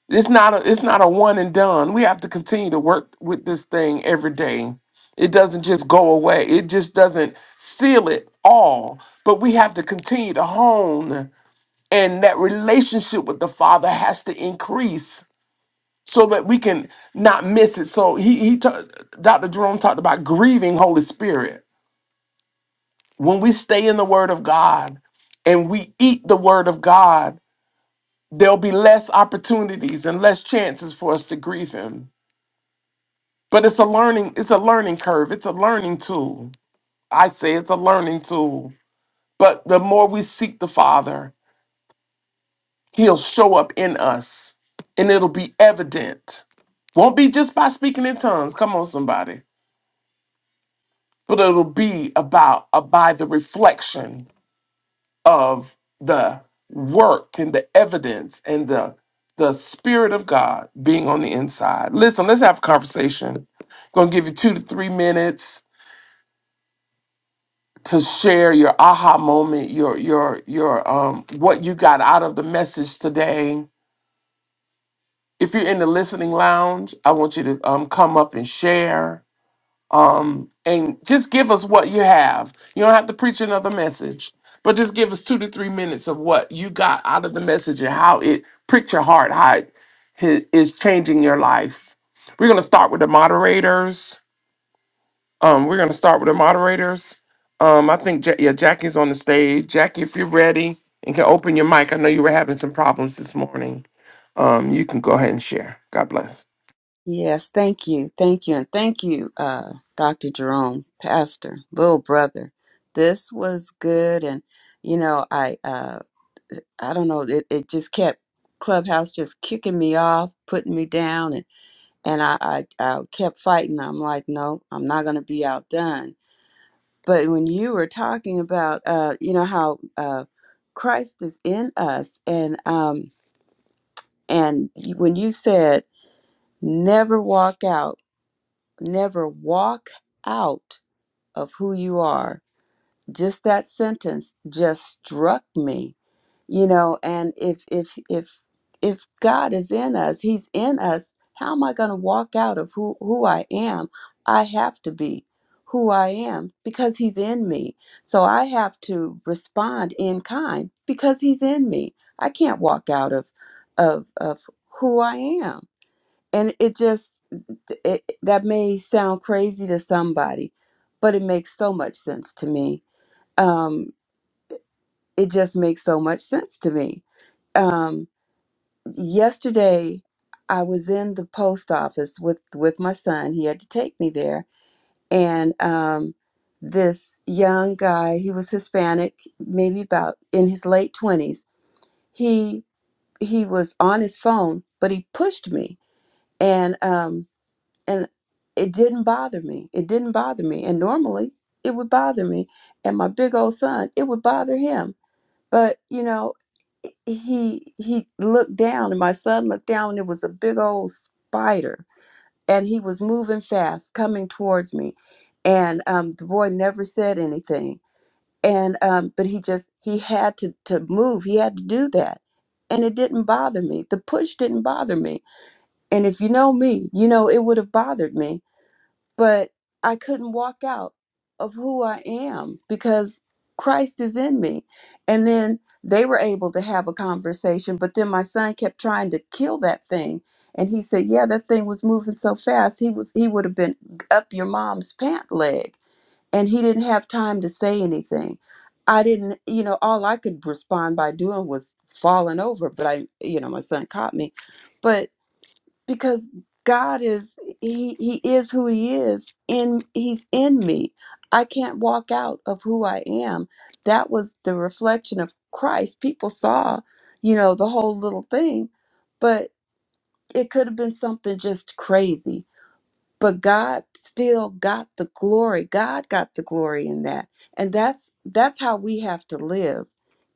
it's not a it's not a one and done. We have to continue to work with this thing every day. It doesn't just go away. It just doesn't seal it all. But we have to continue to hone and that relationship with the Father has to increase so that we can not miss it. So he he ta- Dr. Jerome talked about grieving Holy Spirit. When we stay in the word of God, and we eat the word of God, there'll be less opportunities and less chances for us to grieve him. But it's a learning, it's a learning curve. It's a learning tool. I say it's a learning tool. But the more we seek the Father, He'll show up in us and it'll be evident. Won't be just by speaking in tongues. Come on, somebody. But it'll be about uh, by the reflection of the work and the evidence and the the spirit of God being on the inside. Listen, let's have a conversation. Gonna give you two to three minutes to share your aha moment, your your your um what you got out of the message today. If you're in the listening lounge, I want you to um come up and share. Um and just give us what you have. You don't have to preach another message, but just give us 2 to 3 minutes of what you got out of the message and how it pricked your heart, how it hi- is changing your life. We're going to start with the moderators. Um, we're gonna start with the moderators. Um, I think ja- yeah, Jackie's on the stage. Jackie, if you're ready and can open your mic, I know you were having some problems this morning. Um, you can go ahead and share. God bless.
Yes, thank you. Thank you. And thank you, uh, Dr. Jerome, Pastor, little brother. This was good. And, you know, I, uh, I don't know, it, it just kept, Clubhouse just kicking me off, putting me down. And, and I, I, I kept fighting. I'm like, no, I'm not going to be outdone. But when you were talking about, uh, you know, how, uh, Christ is in us and, um, and when you said never walk out never walk out of who you are just that sentence just struck me you know and if if if if god is in us he's in us how am i going to walk out of who who i am i have to be who i am because he's in me so i have to respond in kind because he's in me i can't walk out of of of who i am and it just it, that may sound crazy to somebody but it makes so much sense to me um it just makes so much sense to me um yesterday i was in the post office with with my son he had to take me there and um this young guy he was hispanic maybe about in his late 20s he he was on his phone but he pushed me and um and it didn't bother me. It didn't bother me. And normally it would bother me. And my big old son, it would bother him. But you know, he he looked down and my son looked down and it was a big old spider and he was moving fast coming towards me and um, the boy never said anything and um, but he just he had to to move he had to do that and it didn't bother me the push didn't bother me and if you know me you know it would have bothered me but I couldn't walk out of who I am because Christ is in me. And then they were able to have a conversation, but then my son kept trying to kill that thing. And he said, "Yeah, that thing was moving so fast. He was he would have been up your mom's pant leg." And he didn't have time to say anything. I didn't, you know, all I could respond by doing was falling over, but I, you know, my son caught me. But because God is he he is who he is in he's in me. I can't walk out of who I am. That was the reflection of Christ. People saw, you know, the whole little thing, but it could have been something just crazy. But God still got the glory. God got the glory in that. And that's that's how we have to live,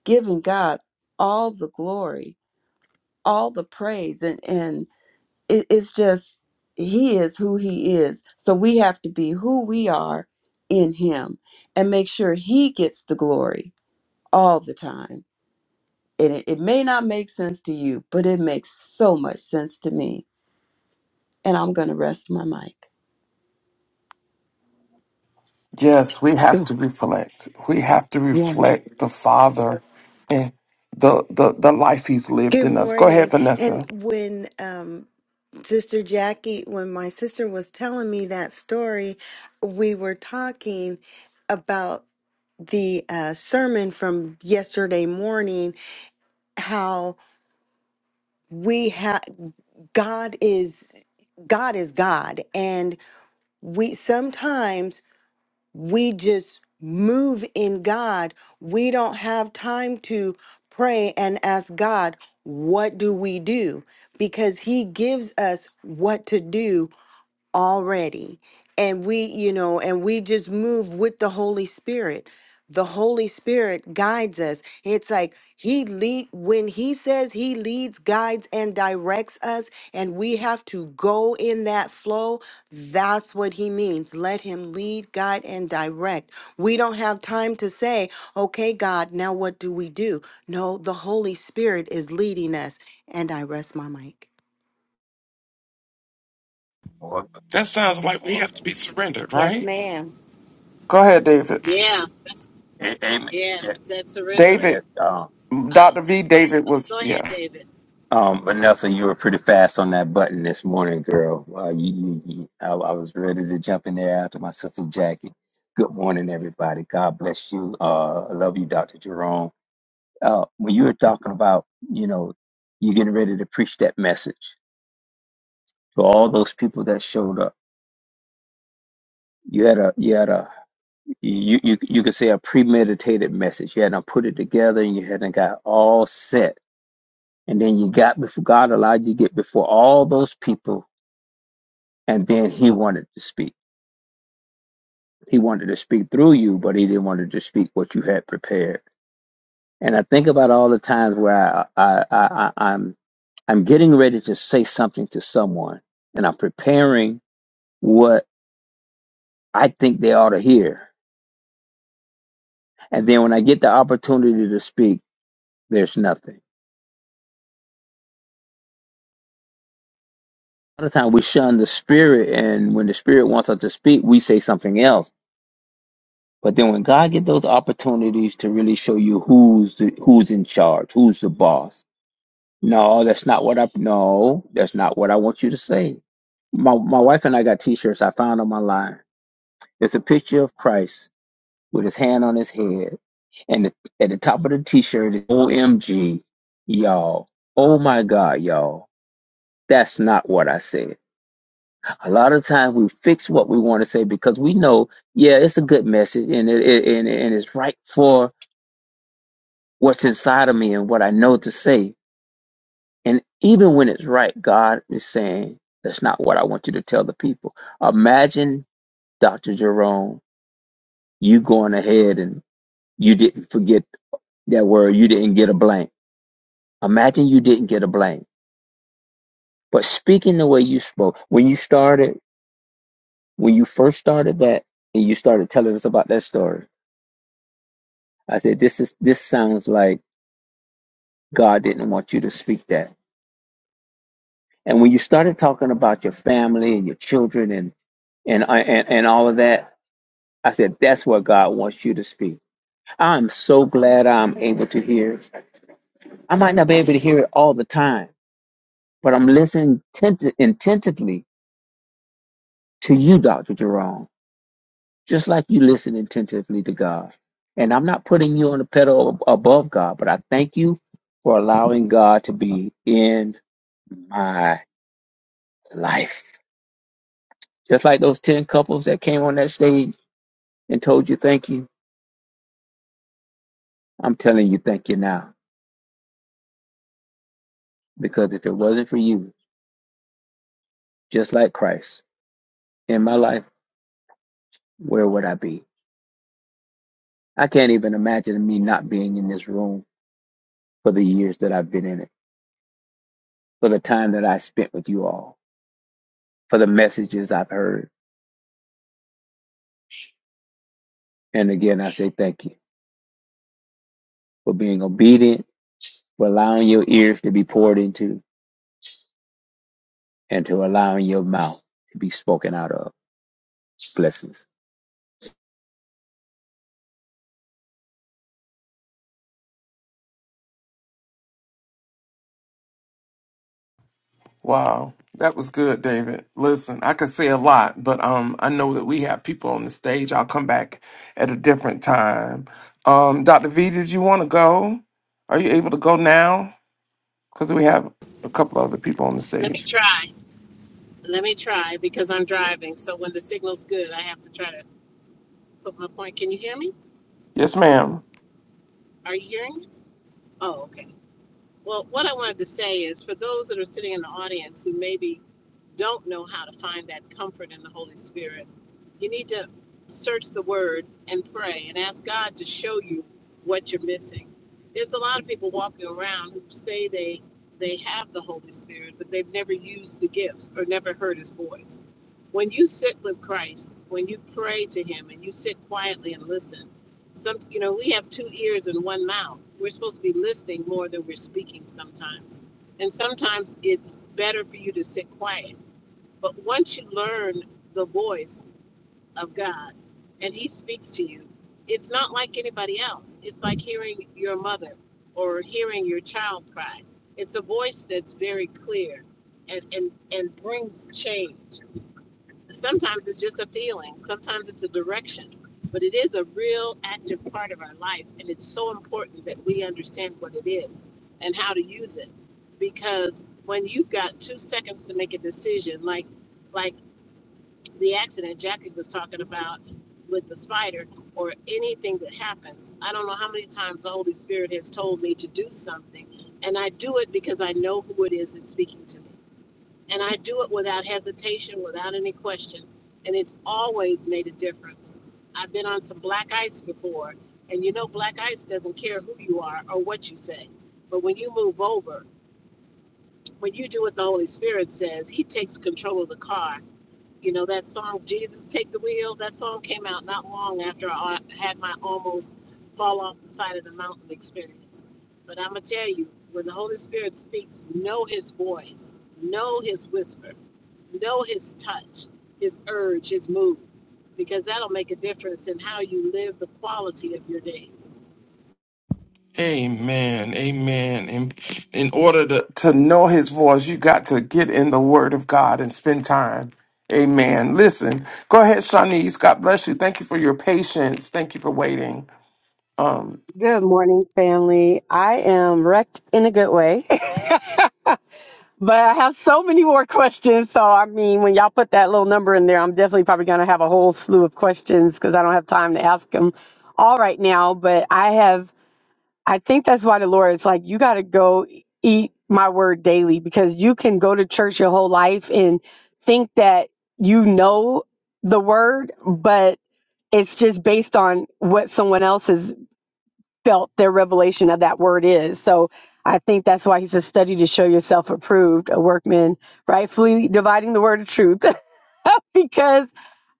giving God all the glory, all the praise and and it, it's just he is who he is so we have to be who we are in him and make sure he gets the glory all the time and it, it may not make sense to you but it makes so much sense to me and i'm going to rest my mic
Yes, we have
Oh,
to reflect. We have to
yeah.
reflect the Father and the the, the life He's lived
Good
in us. Go ahead,
morning. And
Vanessa.
when um, Sister Jackie, when my sister was telling me that story, we were talking about the uh, sermon from yesterday morning, how we have God is God is God, and we sometimes. we just move in God. We don't have time to pray and ask God, what do we do? Because He gives us what to do already and we you know and we just move with the holy spirit the holy spirit guides us it's like he lead when he says he leads guides and directs us and we have to go in that flow that's what he means let him lead guide and direct we don't have time to say okay god now what do we do no the holy spirit is leading us and i rest my mic
That sounds like we have to be surrendered,
Yes,
right?
ma'am.
Go ahead, David.
Yeah. That's,
A- Amen. Yeah,
yes, that's surrendering.
David,
yeah, um,
Uh,
Dr. V. David was
go
yeah.
ahead, David.
um, Vanessa, you were pretty fast on that button this morning, girl. Uh, you, you, you, I, I was ready to jump in there after my sister Jackie. Good morning, everybody. God bless you. Uh, I love you, Dr. Jerome. Uh, when you were talking about, you know, you getting ready to preach that message to all those people that showed up, you had a, you had a, you, you, you could say a premeditated message. You hadn't put it together and you hadn't got all set And then you got before God allowed you to get before all those people, and then He wanted to speak. He wanted to speak through you, but He didn't want to speak what you had prepared. And I think about all the times where I, I, I, I I'm I'm getting ready to say something to someone, and I'm preparing what I think they ought to hear. And then when I get the opportunity to speak, there's nothing. A lot of times we shun the spirit, and when the spirit wants us to speak, we say something else But then when God get those opportunities to really show you who's the, who's in charge, who's the boss. No, that's not what I no, that's not what I want you to say. My my wife and I got t-shirts I found them online. It's a picture of Christ with his hand on his head and the, at the top of the t-shirt is OMG, y'all. Oh my God, y'all. That's not what I said. A lot of times we fix what we want to say because we know, yeah, it's a good message and it, it and, and it's right for what's inside of me and what I know to say. And even when it's right, God is saying, that's not what I want you to tell the people. Imagine, Dr. Jerome, you going ahead and you didn't forget that word, you didn't get a blank. Imagine you didn't get a blank. But speaking the way you spoke, when you started, when you first started that and you started telling us about that story, I said, this is this sounds like God didn't want you to speak that And when you started talking about your family and your children and and I- and, and all of that, I said that's where God wants you to speak. I'm so glad I'm able to hear. it. I might not be able to hear it all the time, but I'm listening tent- intentively to you, Doctor Jerome, just like you listen intentively to God. And I'm not putting you on a pedal above God, but I thank you for allowing God to be in my life. Just like those ten couples that came on that stage and told you thank you, I'm telling you thank you now. Because if it wasn't for you, just like Christ, in my life, where would I be? I can't even imagine me not being in this room for the years that I've been in it, for the time that I spent with you all, for the messages I've heard. And again, I say thank you for being obedient, for allowing your ears to be poured into, and to allowing your mouth to be spoken out of. Blessings.
Wow, that was good, David. Listen, I could say a lot, but um, I know that we have people on the stage. I'll come back at a different time. Um, Dr. V, did you want to go? Are you able to go now? Because we have a couple other people on the
Let me
stage.
try. Let me try because I'm driving. So when the signal's good, I have to try to put my point. Can you hear me?
Yes, ma'am.
Are you hearing me? Oh, okay. Well, what I wanted to say is for those that are sitting in the audience who maybe don't know how to find that comfort in the Holy Spirit, you need to search the word and pray and ask God to show you what you're missing. There's a lot of people walking around who say they they have the Holy Spirit, but they've never used the gifts or never heard his voice. When you sit with Christ, when you pray to him and you sit quietly and listen, some you know, we have two ears and one mouth. We're supposed to be listening more than we're speaking sometimes. And sometimes it's better for you to sit quiet but once you learn the voice of God and He speaks to you, it's not like anybody else. It's like hearing your mother or hearing your child cry. It's a voice that's very clear and, and, and brings change. Sometimes it's just a feeling, sometimes it's a direction, but it is a real active part of our life. And it's so important that we understand what it is and how to use it. Because when you've got two seconds to make a decision, like, like the accident Jackie was talking about with the spider or anything that happens. I don't know how many times the Holy Spirit has told me to do something, and I do it because I know who it is that's speaking to me. And I do it without hesitation, without any question, and it's always made a difference. I've been on some black ice before, and you know, black ice doesn't care who you are or what you say. But when you move over, when you do what the Holy Spirit says, He takes control of the car you know, that song, Jesus Take the Wheel, that song came out not long after I had my almost fall off the side of the mountain experience. But I'm going to tell you, when the Holy Spirit speaks, know his voice, know his whisper, know his touch, his urge, his move, because that'll make a difference in how you live the quality of your days.
Amen. Amen. In, in order to, to know his voice, you got to get in the word of God and spend time. Amen. Listen, go ahead, Shanice. God bless you. Thank you for your patience. Thank you for waiting. Um.
Good morning, family. I am wrecked in a good way, but I have so many more questions. So, I mean, when y'all put that little number in there, I'm definitely probably going to have a whole slew of questions because I don't have time to ask them all right now. But I have, I think that's why the Lord is like, you got to go eat my word daily because you can go to church your whole life and think that you know the word, but it's just based on what someone else's felt their revelation of that word is. So I think that's why he says, study to show yourself approved, a workman, rightfully dividing the word of truth. because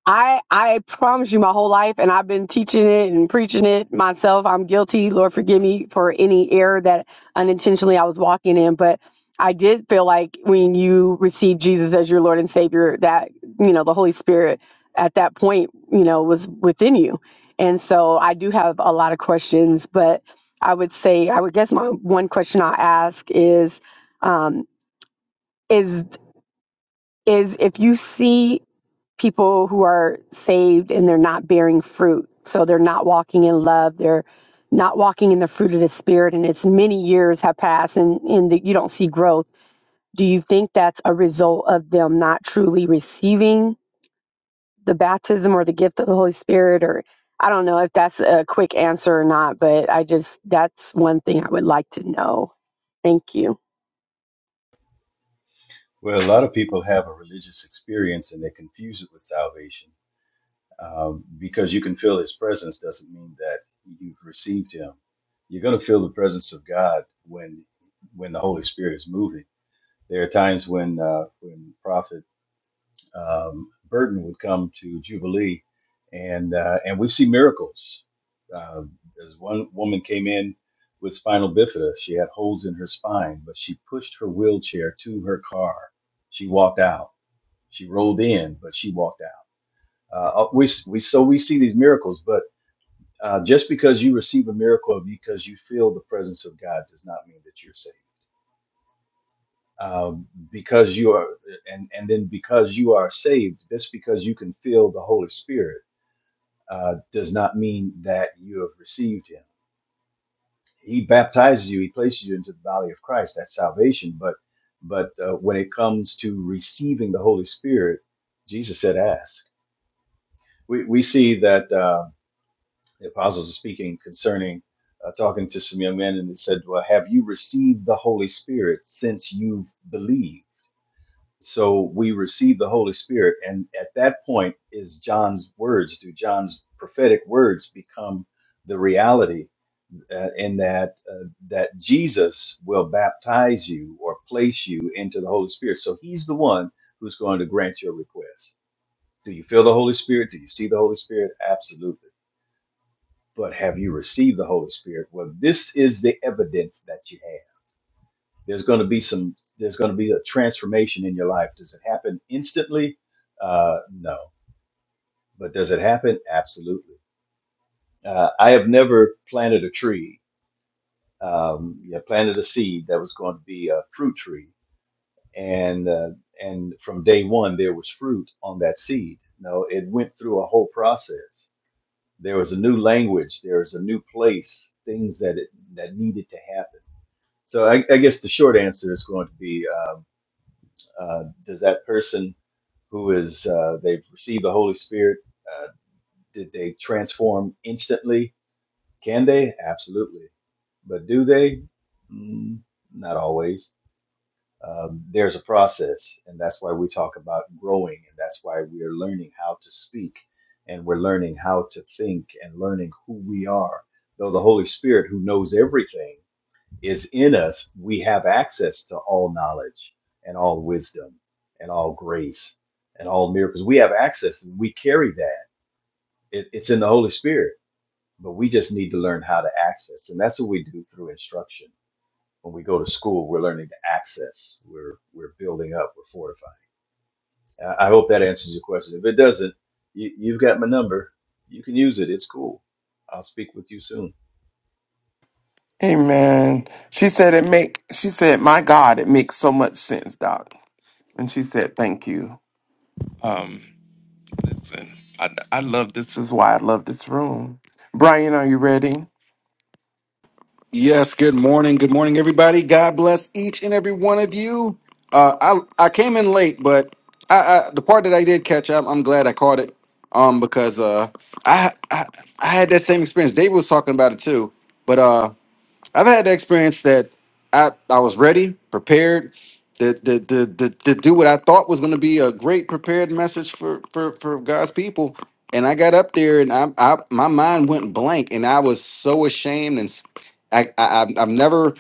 I I promise you my whole life and I've been teaching it and preaching it myself. I'm guilty. Lord forgive me for any error that unintentionally I was walking in, but I did feel like when you received Jesus as your Lord and Savior that, you know, the Holy Spirit at that point, you know, was within you. And so I do have a lot of questions, but I would say I would guess my one question i ask is um is is if you see people who are saved and they're not bearing fruit. So they're not walking in love. They're not walking in the fruit of the spirit. And it's many years have passed and, and that you don't see growth. Do you think that's a result of them not truly receiving the baptism or the gift of the Holy Spirit? Or I don't know if that's a quick answer or not, but I just, that's one thing I would like to know. Thank you.
Well, a lot of people have a religious experience and they confuse it with salvation. Um, because you can feel his presence doesn't mean that you've received him. You're going to feel the presence of God when when the Holy Spirit is moving. There are times when uh, when Prophet um, Burton would come to Jubilee, and uh, and we see miracles. Uh, there's one woman came in with spinal bifida. She had holes in her spine, but she pushed her wheelchair to her car. She walked out. She rolled in, but she walked out. Uh, we, we so we see these miracles, but uh, just because you receive a miracle, because you feel the presence of God, does not mean that you're saved. Um, because you are, and and then because you are saved, just because you can feel the Holy Spirit, uh, does not mean that you have received Him. He baptizes you, He places you into the body of Christ. That's salvation. But but uh, when it comes to receiving the Holy Spirit, Jesus said, "Ask." We we see that. Uh, the apostles are speaking concerning uh, talking to some young men and they said well have you received the holy spirit since you've believed so we receive the holy spirit and at that point is john's words do john's prophetic words become the reality uh, in that uh, that jesus will baptize you or place you into the holy spirit so he's the one who's going to grant your request do you feel the holy spirit do you see the holy spirit absolutely but have you received the Holy Spirit? Well, this is the evidence that you have. There's going to be some. There's going to be a transformation in your life. Does it happen instantly? Uh, no, but does it happen? Absolutely. Uh, I have never planted a tree. Um, yeah, planted a seed that was going to be a fruit tree, and uh, and from day one there was fruit on that seed. No, it went through a whole process. There was a new language. There was a new place. Things that it, that needed to happen So I, I guess the short answer is going to be: um, uh, Does that person who is uh, they've received the Holy Spirit, uh, did they transform instantly? Can they? Absolutely, but do they? Mm, not always. Um, there's a process, and that's why we talk about growing, and that's why we are learning how to speak, and we're learning how to think, and learning who we are. Though the Holy Spirit, who knows everything is in us, we have access to all knowledge and all wisdom and all grace and all miracles. We have access and we carry that. It, it's in the Holy Spirit, but we just need to learn how to access. And that's what we do through instruction. When we go to school, we're learning to access. We're we're building up. We're fortifying. I, I hope that answers your question. If it doesn't, you, you've got my number. You can use it. It's cool. I'll speak with you soon.
Amen. She said it make she said, My God, it makes so much sense, Doc. And she said, Thank you. Um, listen, I I love this is why I love this room. Brian, are you ready?
Yes, good morning. Good morning, everybody. God bless each and every one of you. Uh, I I came in late, but I, I the part that I did catch up, I'm glad I caught it. Um, because uh, I, I I had that same experience. David was talking about it too, but uh, I've had the experience that I, I was ready, prepared, to, to, to, to, to do what I thought was going to be a great prepared message for, for, for God's people. And I got up there and I, I my mind went blank and I was so ashamed and s- I, I, I've I've never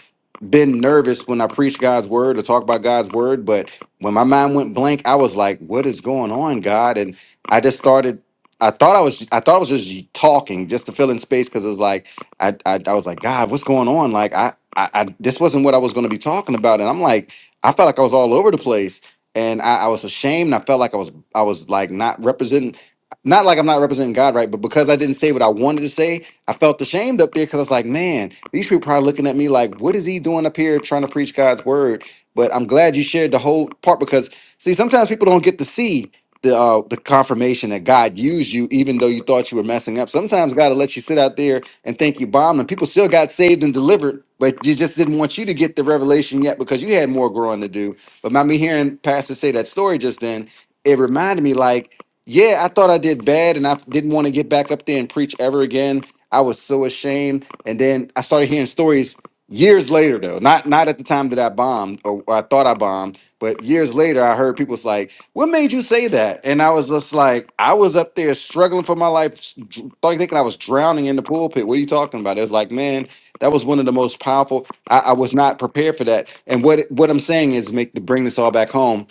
been nervous when I preach God's word or talk about God's word. But when my mind went blank, I was like, what is going on, God? And I just started, I thought I was, I thought I was just talking just to fill in space. Cause it was like, I, I I was like, God, what's going on? Like, I, I, I this wasn't what I was going to be talking about, and I'm like, I felt like I was all over the place, and I, I was ashamed. I felt like I was, I was like not representing, not like I'm not representing God, right? But because I didn't say what I wanted to say, I felt ashamed up there because I was like, man, these people probably looking at me like, what is he doing up here trying to preach God's word? But I'm glad you shared the whole part because see, sometimes people don't get to see. The, uh, the confirmation that God used you, even though you thought you were messing up. Sometimes God will let you sit out there and thank you, bombed, And people still got saved and delivered, but you just didn't want you to get the revelation yet because you had more growing to do. But by me hearing Pastor say that story just then, it reminded me like, yeah, I thought I did bad and I didn't want to get back up there and preach ever again. I was so ashamed. And then I started hearing stories years later though, not not at the time that I bombed or, or I thought I bombed but years later, I heard people's like, "What made you say that?" And I was just like, "I was up there struggling for my life, s- dr- like thinking I was drowning in the pulpit. What are you talking about?" It was like, "Man, that was one of the most powerful. I, I was not prepared for that." And what it- what I'm saying is, make to bring this all back home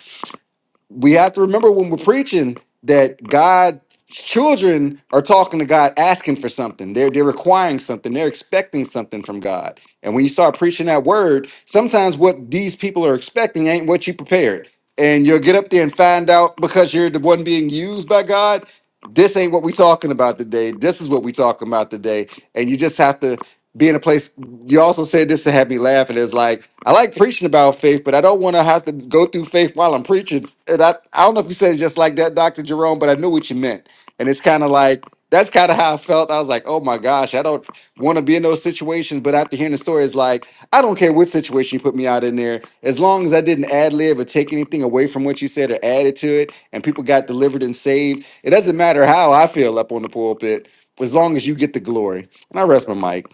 we have to remember when we're preaching that God's children are talking to God asking for something. They're they're requiring something. They're expecting something from God. And when you start preaching that word, sometimes what these people are expecting ain't what you prepared. And you'll get up there and find out because you're the one being used by God, this ain't what we talking about today. This is what we talking about today. And you just have to be in a place. You also said this to have me laughing. Is like I like preaching about faith, but I don't want to have to go through faith while I'm preaching. And I, I don't know if you said it just like that, Doctor Jerome, but I knew what you meant. And it's kind of like that's kind of how I felt. I was like, oh my gosh, I don't want to be in those situations. But after hearing the story, it's like I don't care what situation you put me out in there, as long as I didn't ad lib or take anything away from what you said or added to it, and people got delivered and saved. It doesn't matter how I feel up on the pulpit, as long as you get the glory. And I rest my mic.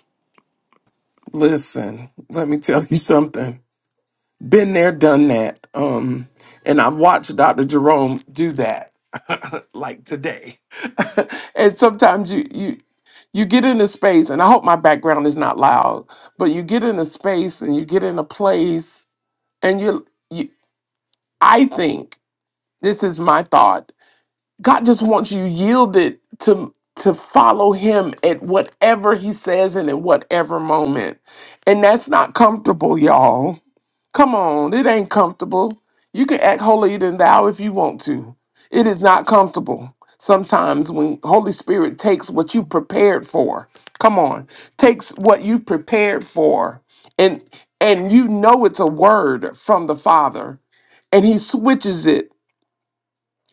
Listen, let me tell you something. Been there, done that. Um, and I've watched Dr. Jerome do that like today. and sometimes you you you get in a space, and I hope my background is not loud, but you get in a space and you get in a place and you, you i think this is my thought god just wants you yielded to to follow him at whatever he says and at whatever moment and that's not comfortable y'all come on it ain't comfortable you can act holier than thou if you want to it is not comfortable sometimes when holy spirit takes what you've prepared for come on takes what you've prepared for and and you know it's a word from the father and he switches it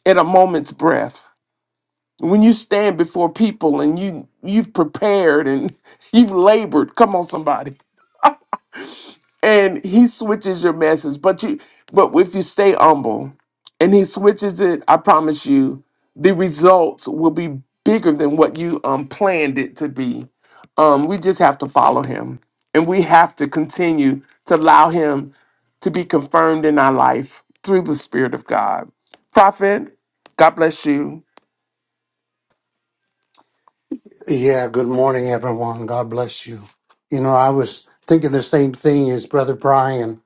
at a moment's breath when you stand before people and you you've prepared and you've labored come on somebody and he switches your message but you but if you stay humble and he switches it i promise you the results will be bigger than what you um planned it to be um we just have to follow him and we have to continue to allow him to be confirmed in our life through the spirit of god prophet god bless you
Yeah, good morning, everyone. God bless you. You know, I was thinking the same thing as Brother Brian,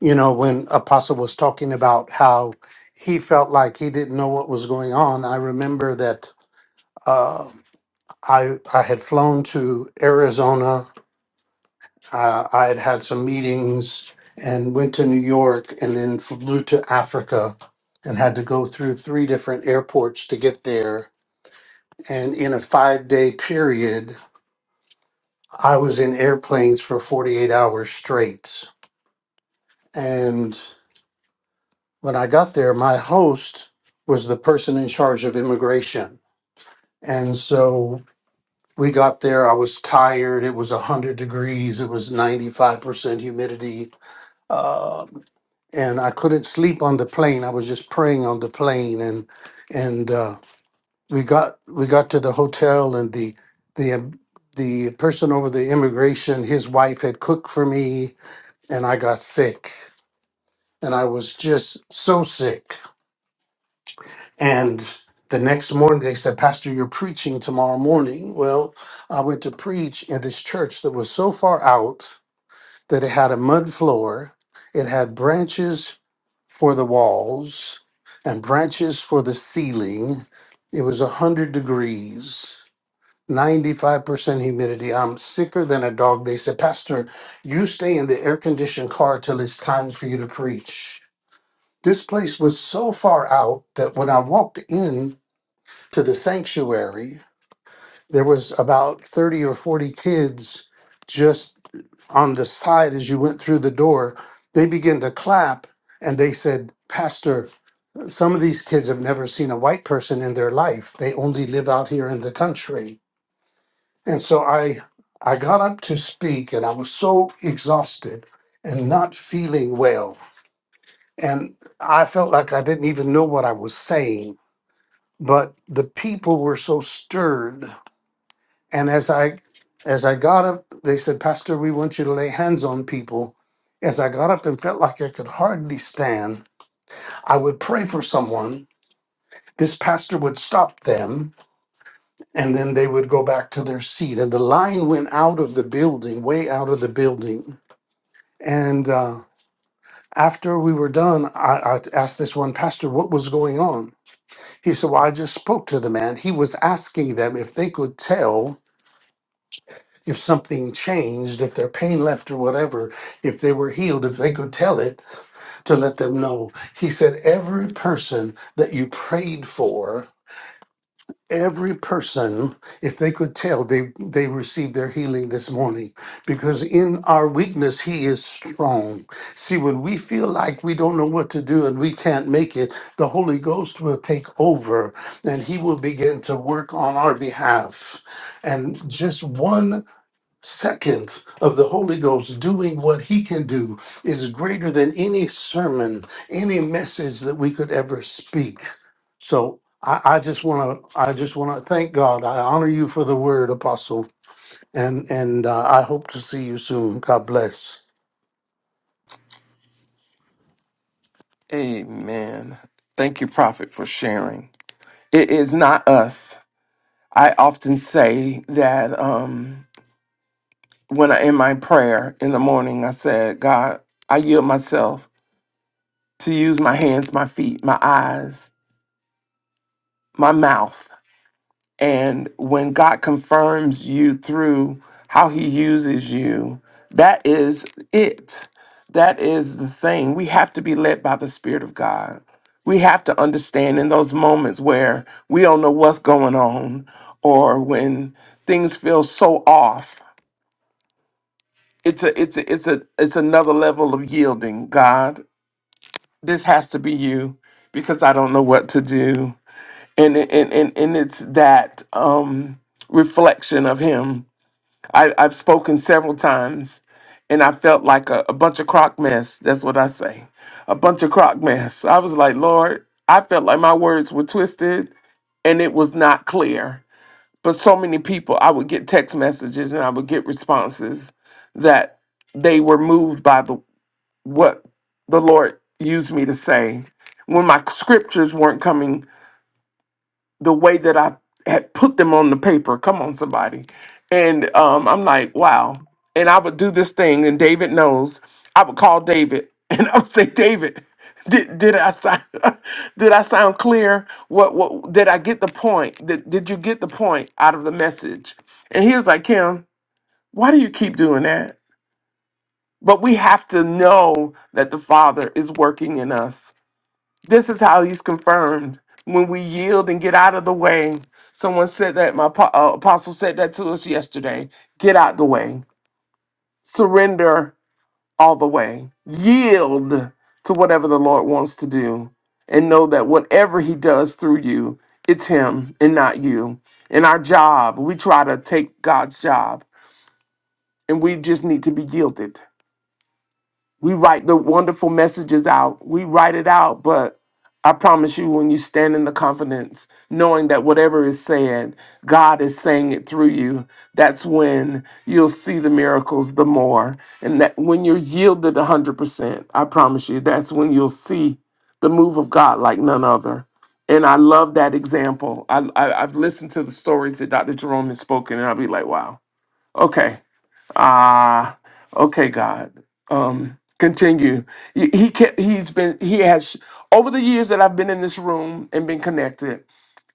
you know, when Apostle was talking about how he felt like he didn't know what was going on. I remember that uh, I, I had flown to Arizona, uh, I had had some meetings and went to New York and then flew to Africa and had to go through three different airports to get there. And in a five day period, I was in airplanes for 48 hours straight. And when I got there, my host was the person in charge of immigration. And so we got there. I was tired. It was 100 degrees. It was 95% humidity. Um, and I couldn't sleep on the plane. I was just praying on the plane. And and uh, we got we got to the hotel, and the the um, the person over the immigration, his wife had cooked for me and I got sick. And I was just so sick. And the next morning they said, Pastor, you're preaching tomorrow morning. Well, I went to preach in this church that was so far out that it had a mud floor, it had branches for the walls and branches for the ceiling. It was 100 degrees. 95% humidity. I'm sicker than a dog. They said, Pastor, you stay in the air conditioned car till it's time for you to preach This place was so far out that when I walked in to the sanctuary, there was about 30 or 40 kids just on the side as you went through the door, they began to clap and they said, Pastor, some of these kids have never seen a white person in their life. They only live out here in the country. And so I I got up to speak and I was so exhausted and not feeling well. And I felt like I didn't even know what I was saying but the people were so stirred and as i as i got up they said pastor we want you to lay hands on people as i got up and felt like i could hardly stand i would pray for someone this pastor would stop them and then they would go back to their seat and the line went out of the building way out of the building and uh, after we were done I, I asked this one pastor what was going on he said well i just spoke to the man he was asking them if they could tell if something changed, if their pain left or whatever, if they were healed, if they could tell it to let them know. He said, Every person that you prayed for, every person, if they could tell, they, they received their healing this morning. Because in our weakness, He is strong. See, when we feel like we don't know what to do and we can't make it, the Holy Ghost will take over and He will begin to work on our behalf. And just one second of the Holy Ghost doing what he can do is greater than any sermon, any message that we could ever speak. So I, I just want to I just want to thank God. I honor you for the word, Apostle, and and uh, I hope to see you soon. God bless.
amen thank you prophet for sharing it is not us i often say that um when I in my prayer in the morning, I said, God, I yield myself to use my hands, my feet, my eyes, my mouth. And when God confirms you through how he uses you, that is it. That is the thing. We have to be led by the Spirit of God. We have to understand in those moments where we don't know what's going on or when things feel so off it's a it's a, it's a it's another level of yielding god this has to be you because i don't know what to do and it- and and, and it's that um reflection of him I, i've spoken several times and i felt like a, a bunch of crock mess that's what i say a bunch of crock mess i was like lord i felt like my words were twisted and it was not clear but so many people, I would get text messages and I would get responses that they were moved by the what the Lord used me to say when my scriptures weren't coming the way that I had put them on the paper. Come on, somebody. And um, I'm like, wow. And I would do this thing, and David knows. I would call David, and I would say, David, did, did I sound did I sound clear? What what did I get the point? Did, did you get the point out of the message? And he was like, Kim, why do you keep doing that? But we have to know that the Father is working in us this is how he's confirmed when we yield and get out of the way. Someone said that, my apo- uh, apostle said that to us yesterday. Get out the way, surrender all the way, yield to whatever the Lord wants to do, and know that whatever he does through you, it's him and not you. In our job, we try to take God's job, and we just need to be yielded. We write the wonderful messages out. We write it out, but I promise you, when you stand in the confidence, knowing that whatever is said, God is saying it through you, that's when you'll see the miracles the more. And that when you're yielded 100%, I promise you, that's when you'll see the move of God like none other. And I love that example. I, I, I've listened to the stories that Dr. Jerome has spoken, and I'll be like, wow, okay Ah, okay, God. Um, continue. He, he kept. He's been. He has over the years that I've been in this room and been connected.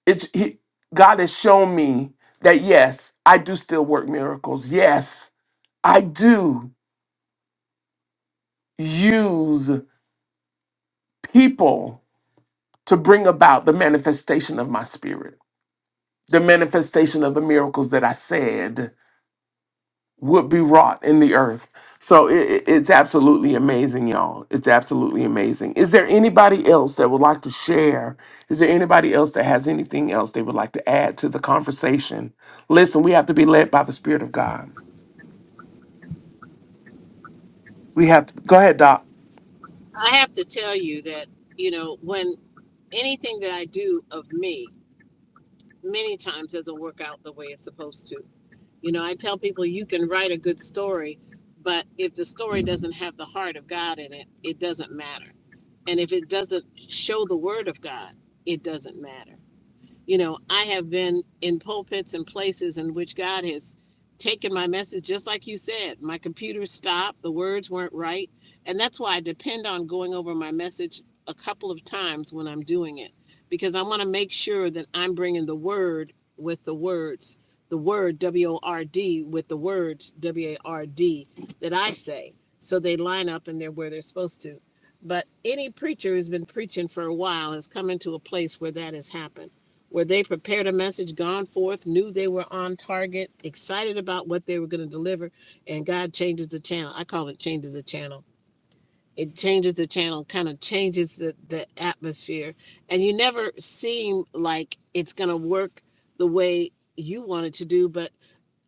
It's he, God has shown me that yes, I do still work miracles. Yes, I do use people to bring about the manifestation of my spirit, the manifestation of the miracles that I said. would be wrought in the earth. So it, it's absolutely amazing, y'all. It's absolutely amazing. Is there anybody else that would like to share? Is there anybody else that has anything else they would like to add to the conversation? Listen, we have to be led by the Spirit of God. We have to go ahead, Doc.
I have to tell you that, you know, when anything that I do of me, many times doesn't work out the way it's supposed to You know, I tell people you can write a good story, but if the story doesn't have the heart of God in it, it doesn't matter. And if it doesn't show the word of God, it doesn't matter you know, I have been in pulpits and places in which God has taken my message, just like you said. My computer stopped, the words weren't right. And that's why I depend on going over my message a couple of times when I'm doing it, because I want to make sure that I'm bringing the word with the words, the word W O R D with the words W A R D that I say. So they line up and they're where they're supposed to. But any preacher who's been preaching for a while has come into a place where that has happened where they prepared a message, gone forth, knew they were on target, excited about what they were going to deliver, and God changes the channel. I call it changes the channel. It changes the channel, kind of changes the, the atmosphere. And you never seem like it's going to work the way you want it to do, but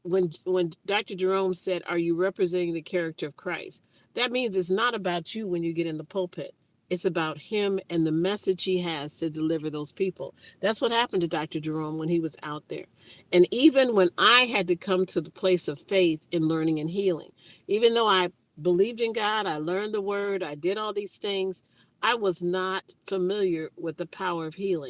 when when Dr. Jerome said, "Are you representing the character of Christ?" That means it's not about you when you get in the pulpit. It's about him and the message he has to deliver those people. That's what happened to Dr. Jerome when he was out there. And even when I had to come to the place of faith in learning and healing, even though I believed in God, I learned the word, I did all these things, I was not familiar with the power of healing.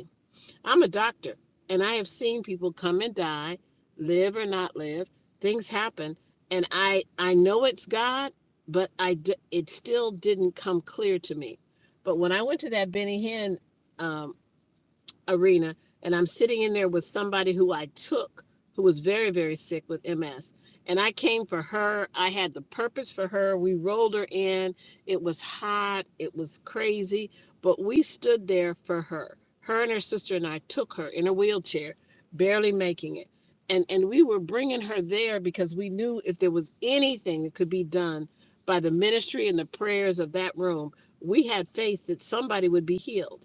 I'm a doctor and I have seen people come and die, live or not live. Things happen and I I know it's God, but I d- it still didn't come clear to me. But when I went to that Benny Hinn um, arena and I'm sitting in there with somebody who I took who was very, very sick with MS. And I came for her. I had the purpose for her. We rolled her in. It was hot. It was crazy. But we stood there for her. Her and her sister and I took her in a wheelchair, barely making it. And, and we were bringing her there because we knew if there was anything that could be done by the ministry and the prayers of that room, we had faith that somebody would be healed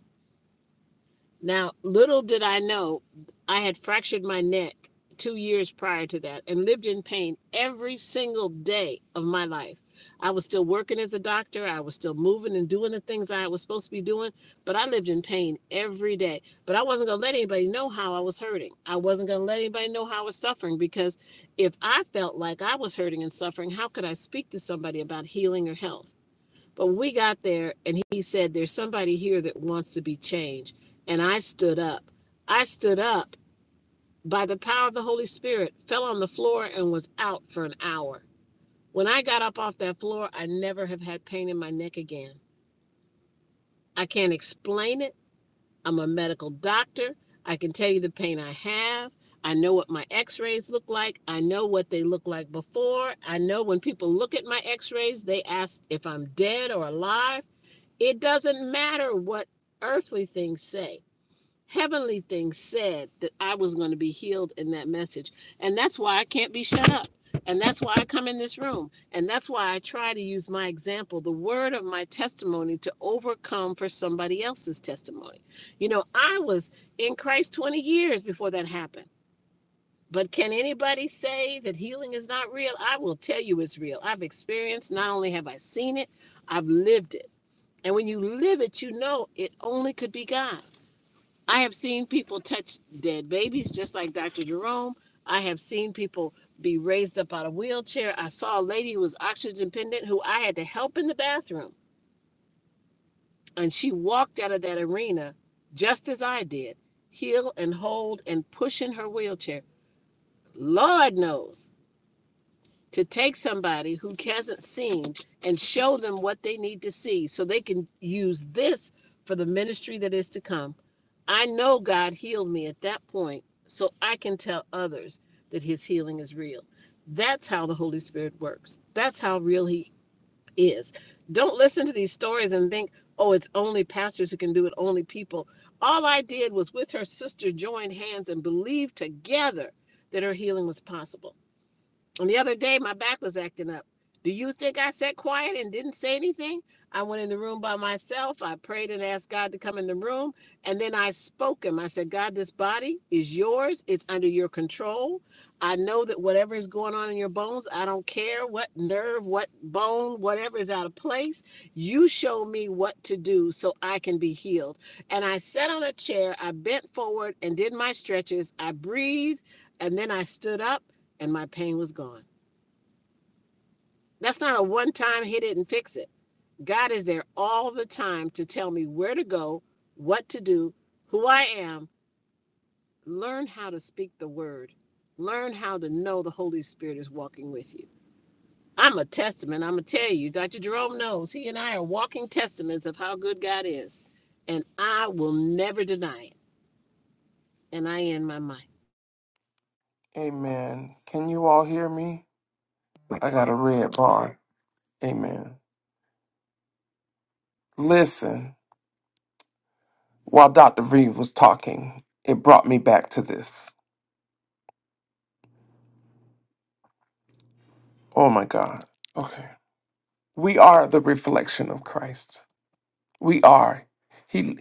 now, little did I know, I had fractured my neck two years prior to that and lived in pain every single day of my life. I was still working as a doctor. I was still moving and doing the things I was supposed to be doing, but I lived in pain every day. But I wasn't going to let anybody know how I was hurting. I wasn't going to let anybody know how I was suffering because if I felt like I was hurting and suffering, how could I speak to somebody about healing or health? But when we got there, and he said, There's somebody here that wants to be changed. And I stood up. I stood up by the power of the Holy Spirit, fell on the floor, and was out for an hour. When I got up off that floor, I never have had pain in my neck again. I can't explain it. I'm a medical doctor. I can tell you the pain I have. I know what my x rays look like. I know what they look like before. I know when people look at my x rays, they ask if I'm dead or alive. It doesn't matter what earthly things say. Heavenly things said that I was going to be healed in that message. And that's why I can't be shut up. And that's why I come in this room. And that's why I try to use my example, the word of my testimony to overcome for somebody else's testimony. You know, I was in Christ 20 years before that happened. But can anybody say that healing is not real? I will tell you it's real. I've experienced, not only have I seen it, I've lived it. And when you live it, you know it only could be God. I have seen people touch dead babies, just like Dr. Jerome. I have seen people be raised up out of wheelchair. I saw a lady who was oxygen dependent who I had to help in the bathroom. And she walked out of that arena just as I did, heel and hold and pushing her wheelchair. Lord knows to take somebody who hasn't seen and show them what they need to see so they can use this for the ministry that is to come. I know God healed me at that point so I can tell others that his healing is real. That's how the Holy Spirit works. That's how real he is. Don't listen to these stories and think, oh, it's only pastors who can do it, only people. All I did was with her sister joined hands and believed together that her healing was possible. And the other day, my back was acting up. Do you think I sat quiet and didn't say anything? I went in the room by myself. I prayed and asked God to come in the room. And then I spoke him. I said, God, this body is yours. It's under your control. I know that whatever is going on in your bones, I don't care what nerve, what bone, whatever is out of place. You show me what to do so I can be healed. And I sat on a chair. I bent forward and did my stretches. I breathed. And then I stood up and my pain was gone. That's not a one time hit it and fix it. God is there all the time to tell me where to go, what to do, who I am. Learn how to speak the word. Learn how to know the Holy Spirit is walking with you. I'm a testament. I'm going to tell you, Dr. Jerome knows he and I are walking testaments of how good God is. And I will never deny it. And I end my mind.
Amen. Can you all hear me? I got a red bar. Amen. Listen, while Dr. V was talking, it brought me back to this. Oh my God. Okay. We are the reflection of Christ. We are. He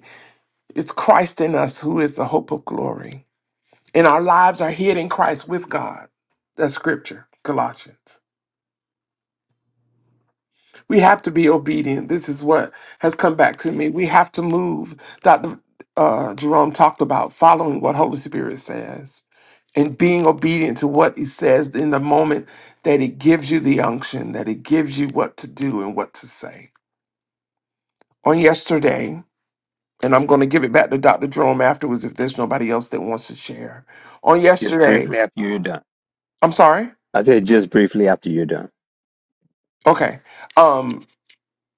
it's Christ in us who is the hope of glory. And our lives are hid in Christ with God. That's scripture, Colossians. We have to be obedient. This is what has come back to me. We have to move. Dr. Uh, Jerome talked about following what Holy Spirit says and being obedient to what he says in the moment that it gives you the unction, that it gives you what to do and what to say. On yesterday, And I'm going to give it back to Dr. Jerome afterwards if there's nobody else that wants to share. On
Just
yesterday,
briefly after you're done.
I'm sorry.
I said just briefly after you're done.
Okay. Um,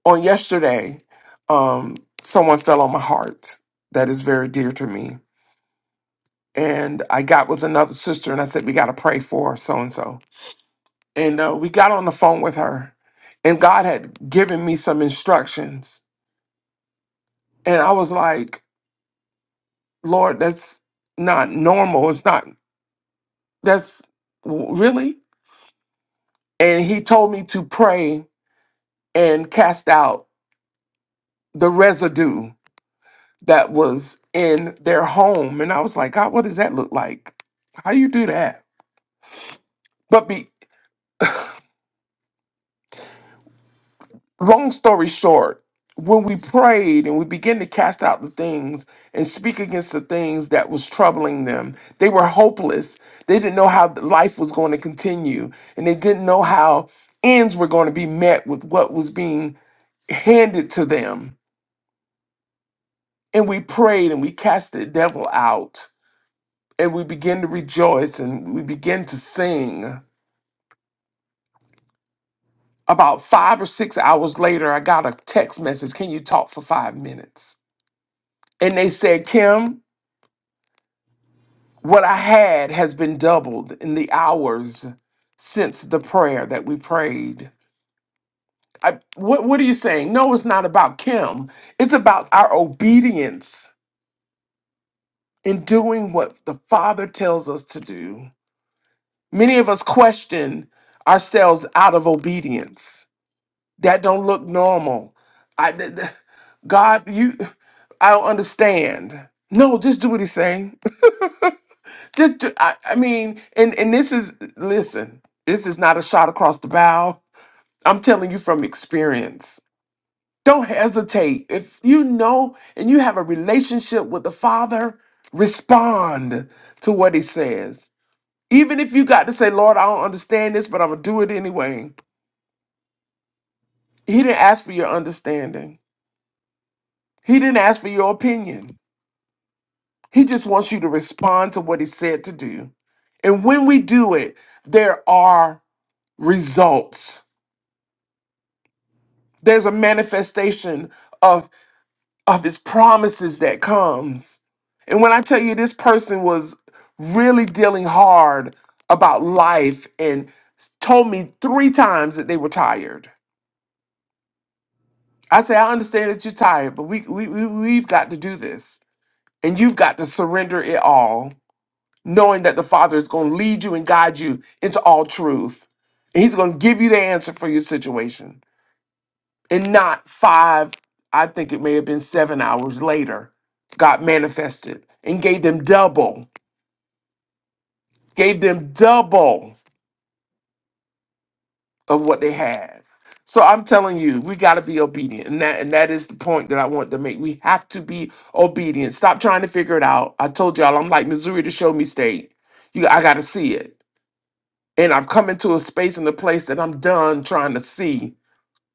on yesterday, um, someone fell on my heart that is very dear to me. And I got with another sister and I said, We got to pray for so and so. And uh, we got on the phone with her. And God had given me some instructions. And I was like, Lord, that's not normal. It's not, that's really? And He told me to pray and cast out the residue that was in their home. And I was like, God, what does that look like? How do you do that? But be long story short, when we prayed and we began to cast out the things and speak against the things that was troubling them, they were hopeless. They didn't know how life was going to continue, and they didn't know how ends were going to be met with what was being handed to them. And we prayed and we cast the devil out and we begin to rejoice and we begin to sing. About five or six hours later, I got a text message Can you talk for five minutes? And they said, Kim, what I had has been doubled in the hours since the prayer that we prayed. I, what, what are you saying? No, it's not about Kim. It's about our obedience in doing what the Father tells us to do. Many of us question ourselves out of obedience That don't look normal. I, th- th- God, you, I don't understand. No, just do what he's saying. just, do, I, I mean, and and this is, listen, this is not a shot across the bow. I'm telling you from experience. Don't hesitate. If you know and you have a relationship with the Father, respond to what he says. Even if you got to say, Lord, I don't understand this, but I'm going to do it anyway. He didn't ask for your understanding. He didn't ask for your opinion. He just wants you to respond to what he said to do. And when we do it, there are results. There's a manifestation of of his promises that comes. And when I tell you this person was really dealing hard about life and told me three times that they were tired. I say, I understand that you're tired, but we, we, we we've got to do this. And you've got to surrender it all knowing that the Father is going to lead you and guide you into all truth. And He's going to give you the answer for your situation. And not five, I think it may have been seven hours later, God manifested and gave them double, gave them double of what they had. So I'm telling you, we got to be obedient. And that, and that is the point that I want to make. We have to be obedient. Stop trying to figure it out. I told y'all, I'm like Missouri to show me state. You, I got to see it. and I've come into a space and a place that I'm done trying to see.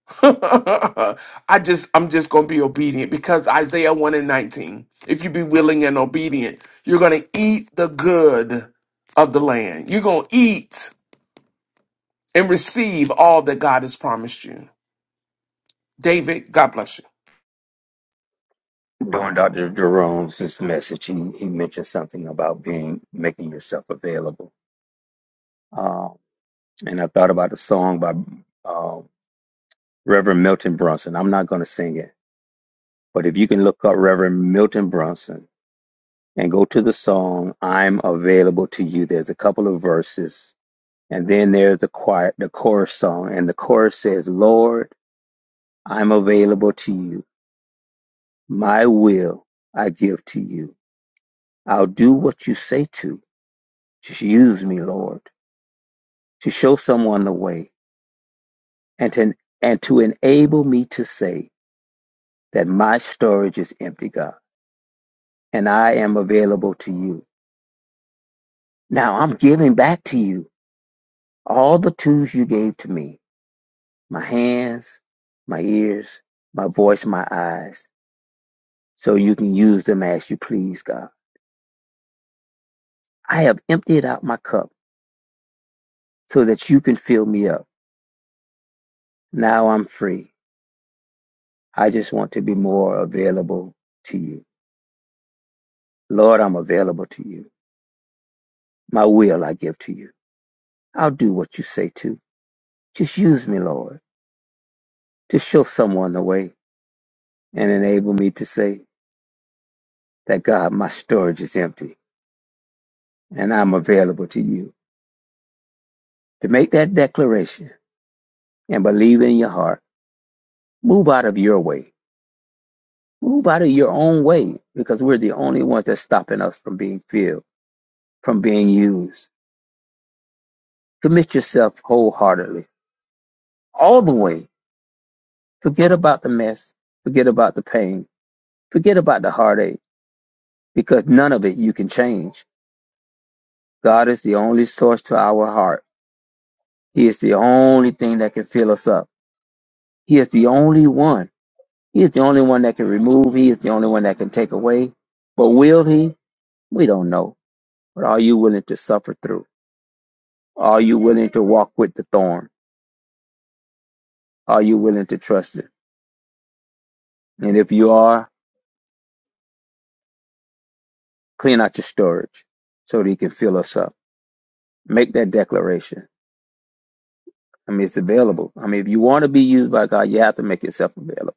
I just I'm just gonna be obedient because Isaiah 1 and 19. If you be willing and obedient, you're gonna eat the good of the land. You're gonna eat and receive all that God has promised you. David, God bless you.
During Dr. Jerome's message, he, he mentioned something about being making yourself available. Um, and I thought about a song by um Reverend Milton Brunson. I'm not going to sing it, but if you can look up Reverend Milton Brunson and go to the song "I'm Available to You," there's a couple of verses, and then there's the choir, the chorus song, and the chorus says, "Lord, I'm available to you. My will I give to you. I'll do what you say to. Just use me, Lord." to show someone the way and to, and to enable me to say that my storage is empty, God, and I am available to you. Now I'm giving back to you all the tools you gave to me my hands, my ears, my voice, my eyes, so you can use them as you please, God. I have emptied out my cup so that you can fill me up. Now I'm free. I just want to be more available to you. Lord, I'm available to you. My will I give to you I'll do what you say to. Just use me, Lord, to show someone the way and enable me to say that God, my storage is empty and I'm available to you. To make that declaration and believe in your heart, move out of your way. Move out of your own way because we're the only ones that's stopping us from being filled, from being used. Commit yourself wholeheartedly, all the way. Forget about the mess. Forget about the pain. Forget about the heartache because none of it you can change God is the only source to our heart. He is the only thing that can fill us up. He is the only one. He is the only one that can remove. He is the only one that can take away. But will he? We don't know. But are you willing to suffer through? Are you willing to walk with the thorn? Are you willing to trust it? And if you are, clean out your storage so that he can fill us up. Make that declaration. I mean, it's available. I mean, if you want to be used by God, you have to make yourself available.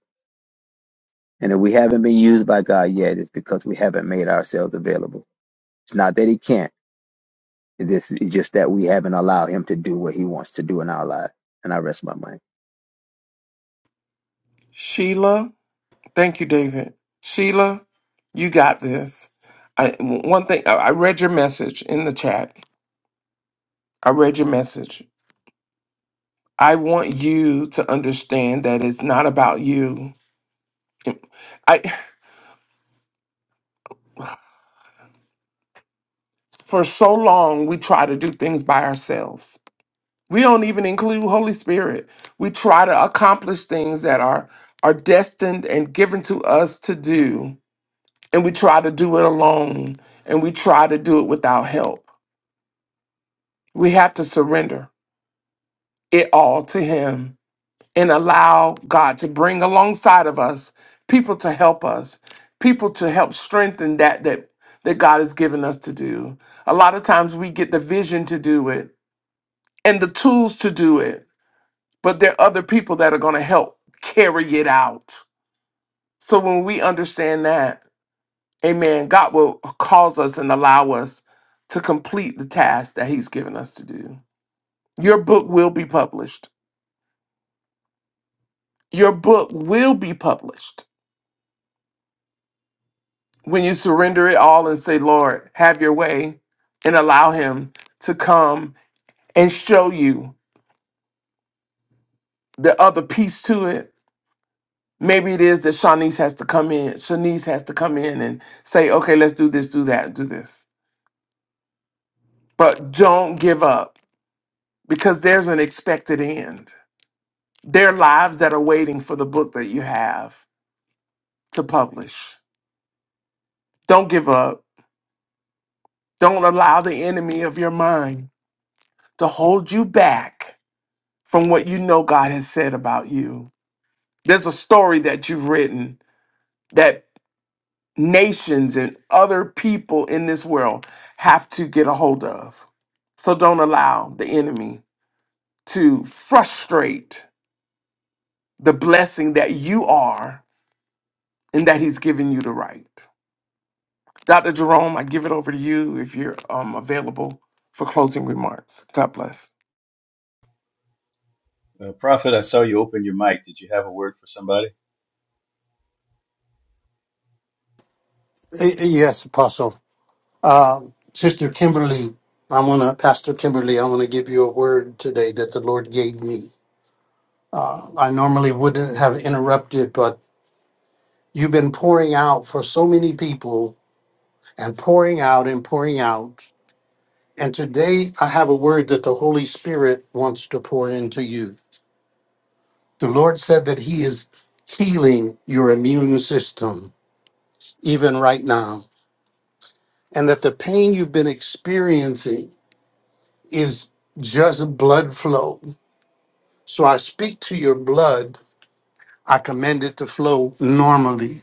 And if we haven't been used by God yet, it's because we haven't made ourselves available. It's not that He can't. It is, it's just that we haven't allowed Him to do what He wants to do in our life. And I rest my mind.
Sheila, thank you, David. Sheila, you got this. I one thing I I read your message in the chat. I read your message I want you to understand that it's not about you. I for so long we try to do things by ourselves. We don't even include Holy Spirit. We try to accomplish things that are are destined and given to us to do, and we try to do it alone, and we try to do it without help. We have to surrender it all to him and allow God to bring alongside of us people to help us, people to help strengthen that that that God has given us to do. A lot of times we get the vision to do it and the tools to do it, but there are other people that are going to help carry it out. So when we understand that, amen, God will cause us and allow us to complete the task that he's given us to do. Your book will be published. Your book will be published when you surrender it all and say, Lord, have your way, and allow Him to come and show you the other piece to it. Maybe it is that Shanice has to come in. Shanice has to come in and say, okay, let's do this, do that, do this. But don't give up because there's an expected end. There are lives that are waiting for the book that you have to publish. Don't give up. Don't allow the enemy of your mind to hold you back from what you know God has said about you There's a story that you've written that nations and other people in this world have to get a hold of. So don't allow the enemy to frustrate the blessing that you are and that he's given you to write. Dr. Jerome, I give it over to you if you're um, available for closing remarks. God bless.
Uh, Prophet, I saw you open your mic. Did you have a word for somebody?
Y- Yes, Apostle. Uh, Sister Kimberly, I want to, Pastor Kimberly, I want to give you a word today that the Lord gave me. Uh, I normally wouldn't have interrupted, but You've been pouring out for so many people and pouring out and pouring out. And today I have a word that the Holy Spirit wants to pour into you. The Lord said that He is healing your immune system even right now, and that the pain you've been experiencing is just blood flow. So I speak to your blood, I command it to flow normally.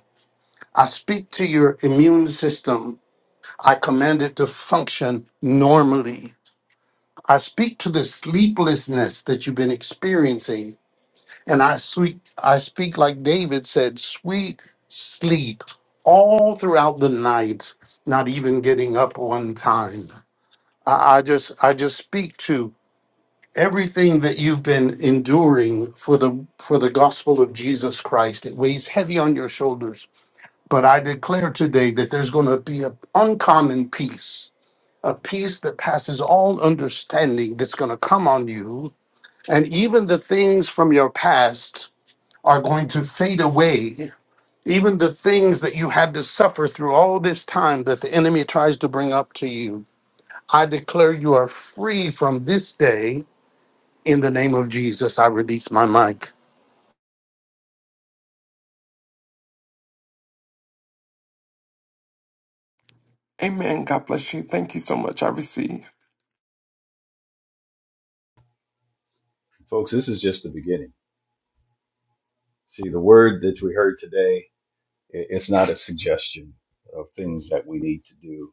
I speak to your immune system, I command it to function normally. I speak to the sleeplessness that you've been experiencing, and I speak, I speak like David said, sweet sleep all throughout the night, not even getting up one time. I, I just I just speak to everything that you've been enduring for the for the gospel of Jesus Christ. It weighs heavy on your shoulders. But I declare today that there's going to be an uncommon peace, a peace that passes all understanding that's going to come on you and even the things from your past are going to fade away. Even the things that you had to suffer through all this time that the enemy tries to bring up to you, I declare you are free from this day in the name of Jesus. I release my mic.
Amen. God bless you. Thank you so much. I receive.
Folks, this is just the beginning. See, the word that we heard today It's not a suggestion of things that we need to do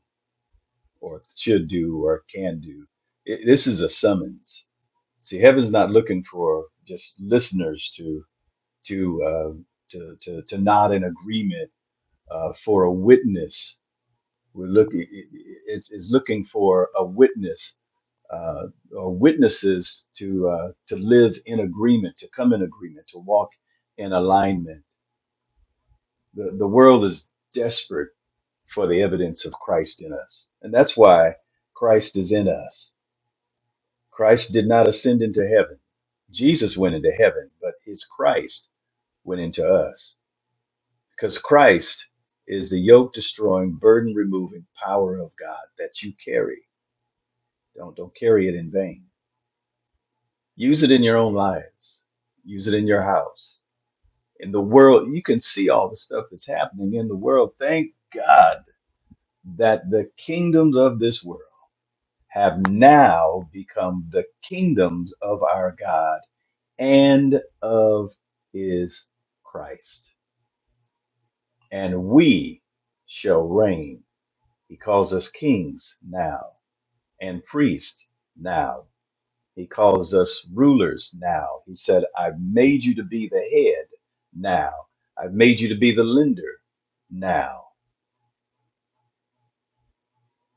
or should do or can do. I- This is a summons. See, heaven's not looking for just listeners to to uh, to, to to nod in agreement uh, for a witness. We're looking i- i- it's, it's looking for a witness uh, or witnesses to uh, to live in agreement, to come in agreement, to walk in alignment The, the world is desperate for the evidence of Christ in us. And that's why Christ is in us. Christ did not ascend into heaven. Jesus went into heaven, but his Christ went into us. Because Christ is the yoke destroying, burden removing power of God that you carry. Don't, don't carry it in vain. Use it in your own lives, use it in your house. In the world, you can see all the stuff that's happening in the world. Thank God that the kingdoms of this world have now become the kingdoms of our God and of his Christ. And we shall reign. He calls us kings now and priests now. He calls us rulers now. He said, I've made you to be the head now. I've made you to be the lender now.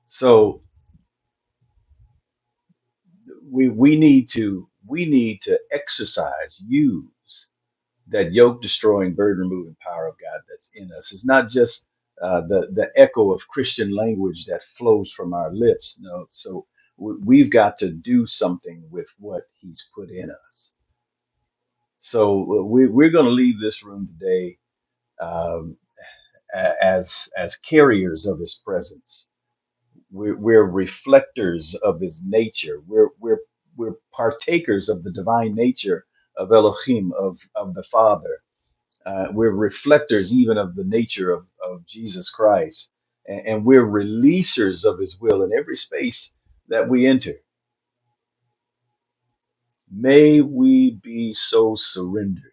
So we we need to we need to exercise use that yoke destroying burden removing power of god that's in us it's not just uh, the the echo of christian language that flows from our lips no so we, we've got to do something with what he's put in us so uh, we, we're going to leave this room today um, a- as as carriers of his presence we're, we're reflectors of his nature. We're, we're, we're partakers of the divine nature of Elohim, of, of the Father. Uh, we're reflectors even of the nature of, of Jesus Christ. And, and we're releasers of his will in every space that we enter. May we be so surrendered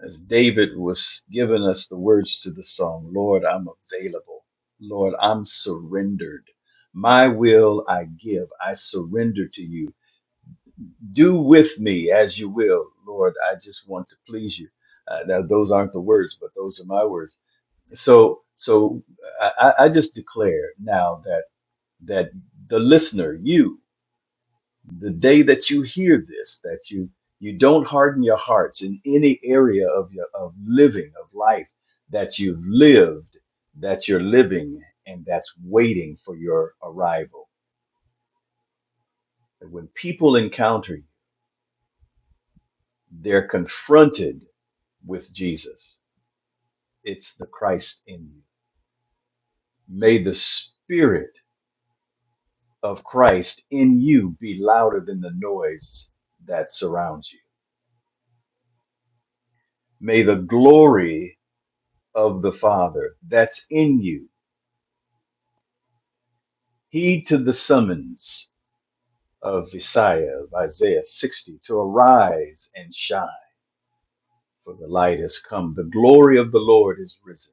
as David was giving us the words to the song, Lord, I'm available. Lord, I'm surrendered. My will I give. I surrender to you. Do with me as you will. Lord, I just want to please you. Uh, now, those aren't the words, but those are my words. So, so I, I I just declare now that that the listener, you, the day that you hear this, that you you don't harden your hearts in any area of your of living of life that you've lived, that you're living, and that's waiting for your arrival. And when people encounter you, they're confronted with Jesus. It's the Christ in you. May the Spirit of Christ in you be louder than the noise that surrounds you. May the glory of the Father that's in you Heed to the summons of Isaiah, of Isaiah 60, to arise and shine, for the light has come. The glory of the Lord is risen.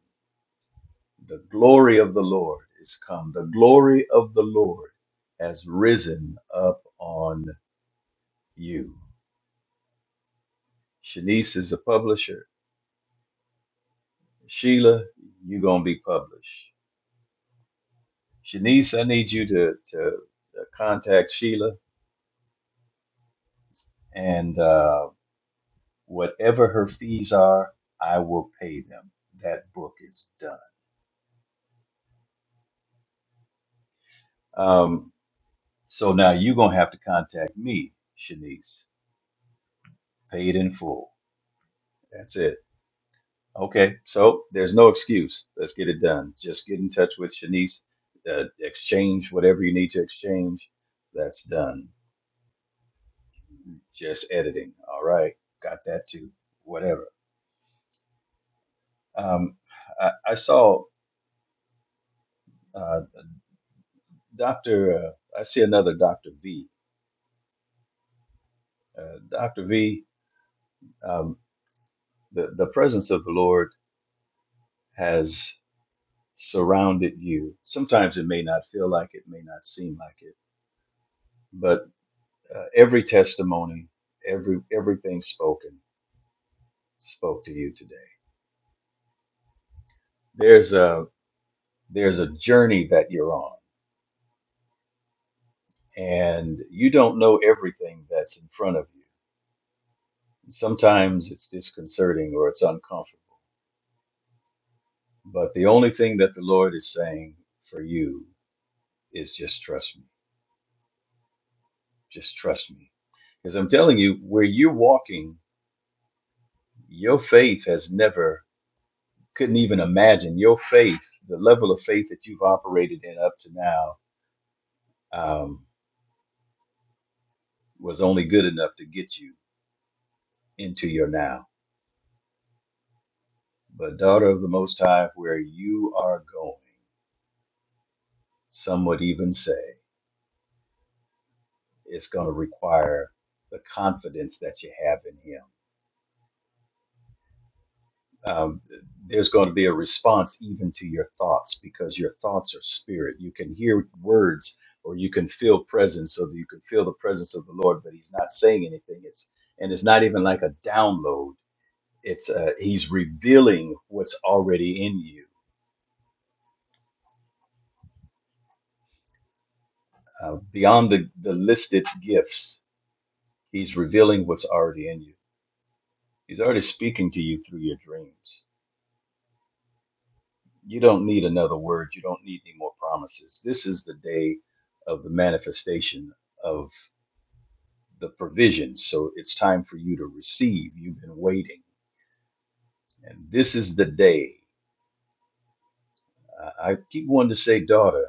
The glory of the Lord is come. The glory of the Lord has risen up on you. Shanice is the publisher. Sheila, you're going to be published. Shanice, I need you to, to uh, contact Sheila and uh, Whatever her fees are, I will pay them. That book is done. Um, so now you're gonna have to contact me, Shanice. Paid in full. That's it. Okay. So there's no excuse. Let's get it done. Just get in touch with Shanice. Uh, exchange whatever you need to exchange. That's done. Just editing. All right. Got that too. Whatever. Um, I, I saw uh, Doctor. Uh, I see another Doctor V. Uh, Doctor V. um, the, the presence of the Lord has surrounded you. Sometimes it may not feel like it, may not seem like it, but uh, every testimony, every everything spoken, spoke to you today. There's a there's a journey that you're on, and you don't know everything that's in front of you. Sometimes it's disconcerting or it's uncomfortable, but the only thing that the Lord is saying for you is just trust me, just trust me. Because I'm telling you, where you're walking Your faith has never, couldn't even imagine your faith, the level of faith that you've operated in up to now, um, was only good enough to get you into your now. But, daughter of the Most High, where you are going, some would even say it's going to require the confidence that you have in Him. um, there's going to be a response even to your thoughts because your thoughts are spirit. You can hear words or you can feel presence or you can feel the presence of the Lord, but he's not saying anything. It's and it's not even like a download. It's uh, he's revealing what's already in you uh, beyond the, the listed gifts. He's revealing what's already in you. He's already speaking to you through your dreams. You don't need another word. You don't need any more promises. This is the day of the manifestation of the provision. So it's time for you to receive. You've been waiting. And this is the day. I I keep wanting to say, daughter,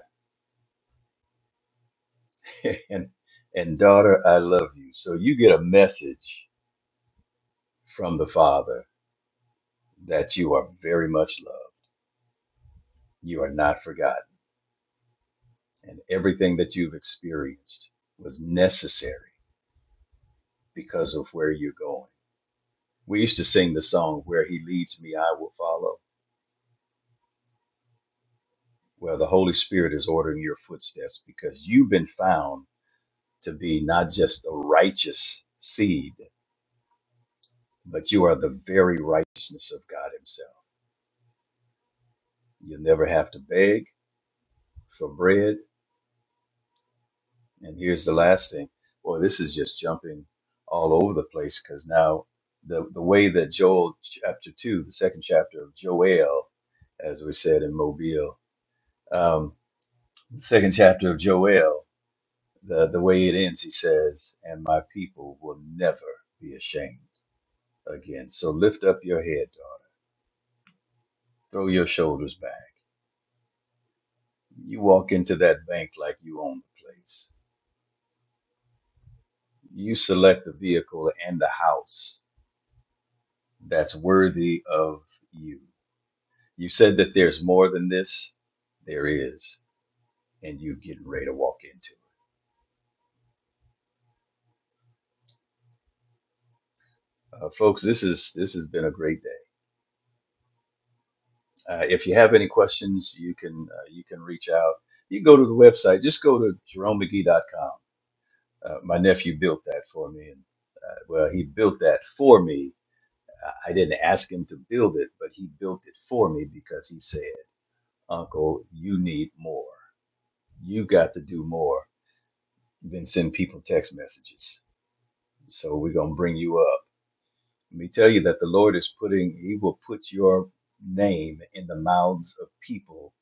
and, and daughter, I love you. So you get a message from the Father that you are very much loved. You are not forgotten. And everything that you've experienced was necessary because of where you're going We used to sing the song, Where He Leads Me, I Will Follow. Well, the Holy Spirit is ordering your footsteps because you've been found to be not just a righteous seed, but you are the very righteousness of God Himself. You'll never have to beg for bread. And here's the last thing. Boy, this is just jumping all over the place because now the, the way that Joel chapter 2, the second chapter of Joel, as we said in Mobile, um, the second chapter of Joel. the the way it ends, he says, "And my people will never be ashamed again." So lift up your head, daughter. Throw your shoulders back. You walk into that bank like you own the place. You select the vehicle and the house that's worthy of you. You said that there's more than this. There is, and you getting ready to walk into it. Uh, folks, this is this has been a great day. Uh, if you have any questions, you can uh, you can reach out. You can go to the website. Just go to jeromemcgee.com. Uh, my nephew built that for me, and uh, well, he built that for me. I I didn't ask him to build it, but he built it for me because he said, "Uncle, you need more. You got to do more than send people text messages." So we're gonna bring you up. Let me tell you that the Lord is putting. He will put your name in the mouths of people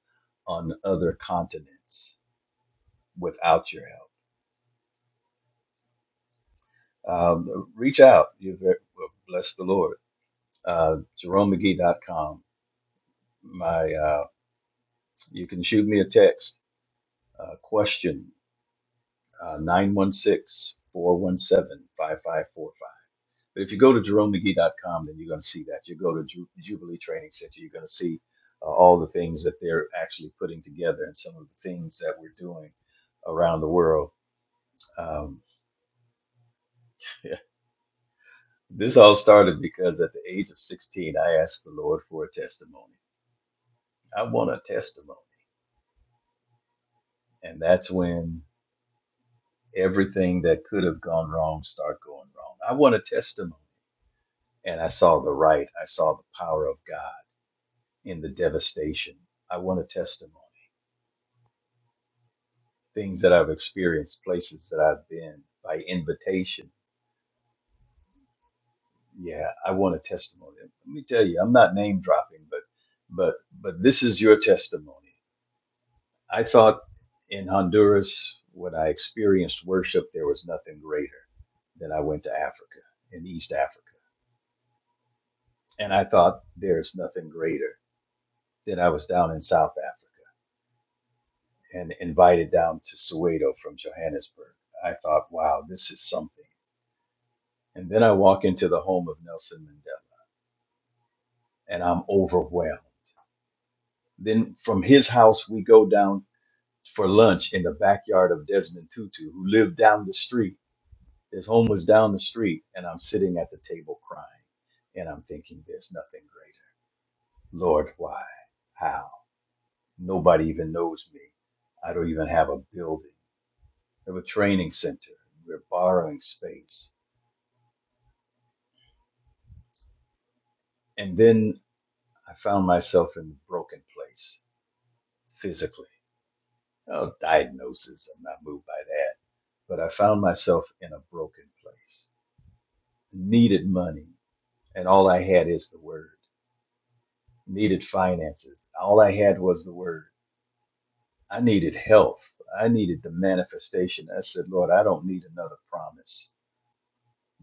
on other continents without your help. Um, reach out. You ve- well, bless the Lord. Uh, JeromeMcGee.com. My, uh, you can shoot me a text. Uh, question uh, 916 But if you go to JeromeMcGee.com, then you're going to see that. You go to Ju- Jubilee Training Center, you're going to see uh, all the things that they're actually putting together and some of the things that we're doing around the world. Um, yeah. This all started because at the age of 16, I asked the Lord for a testimony. I want a testimony. And that's when everything that could have gone wrong started going wrong. I want a testimony. And I saw the right, I saw the power of God in the devastation. I want a testimony. Things that I've experienced, places that I've been by invitation. Yeah, I want a testimony. Let me tell you, I'm not name dropping, but but but this is your testimony. I thought in Honduras, when I experienced worship, there was nothing greater than I went to Africa, in East Africa. And I thought there's nothing greater than I was down in South Africa and invited down to Soweto from Johannesburg. I thought, wow, this is something. And then I walk into the home of Nelson Mandela and I'm overwhelmed. Then from his house, we go down for lunch in the backyard of Desmond Tutu, who lived down the street His home was down the street, and I'm sitting at the table crying, and I'm thinking there's nothing greater. Lord, why? How? Nobody even knows me. I don't even have a building. I have a training center. We're borrowing space. And then I found myself in a broken place physically. No diagnosis, I'm not moved by that. But I found myself in a broken place. Needed money, and all I had is the word. Needed finances. All I had was the word I needed health. I needed the manifestation. I said, Lord, I don't need another promise.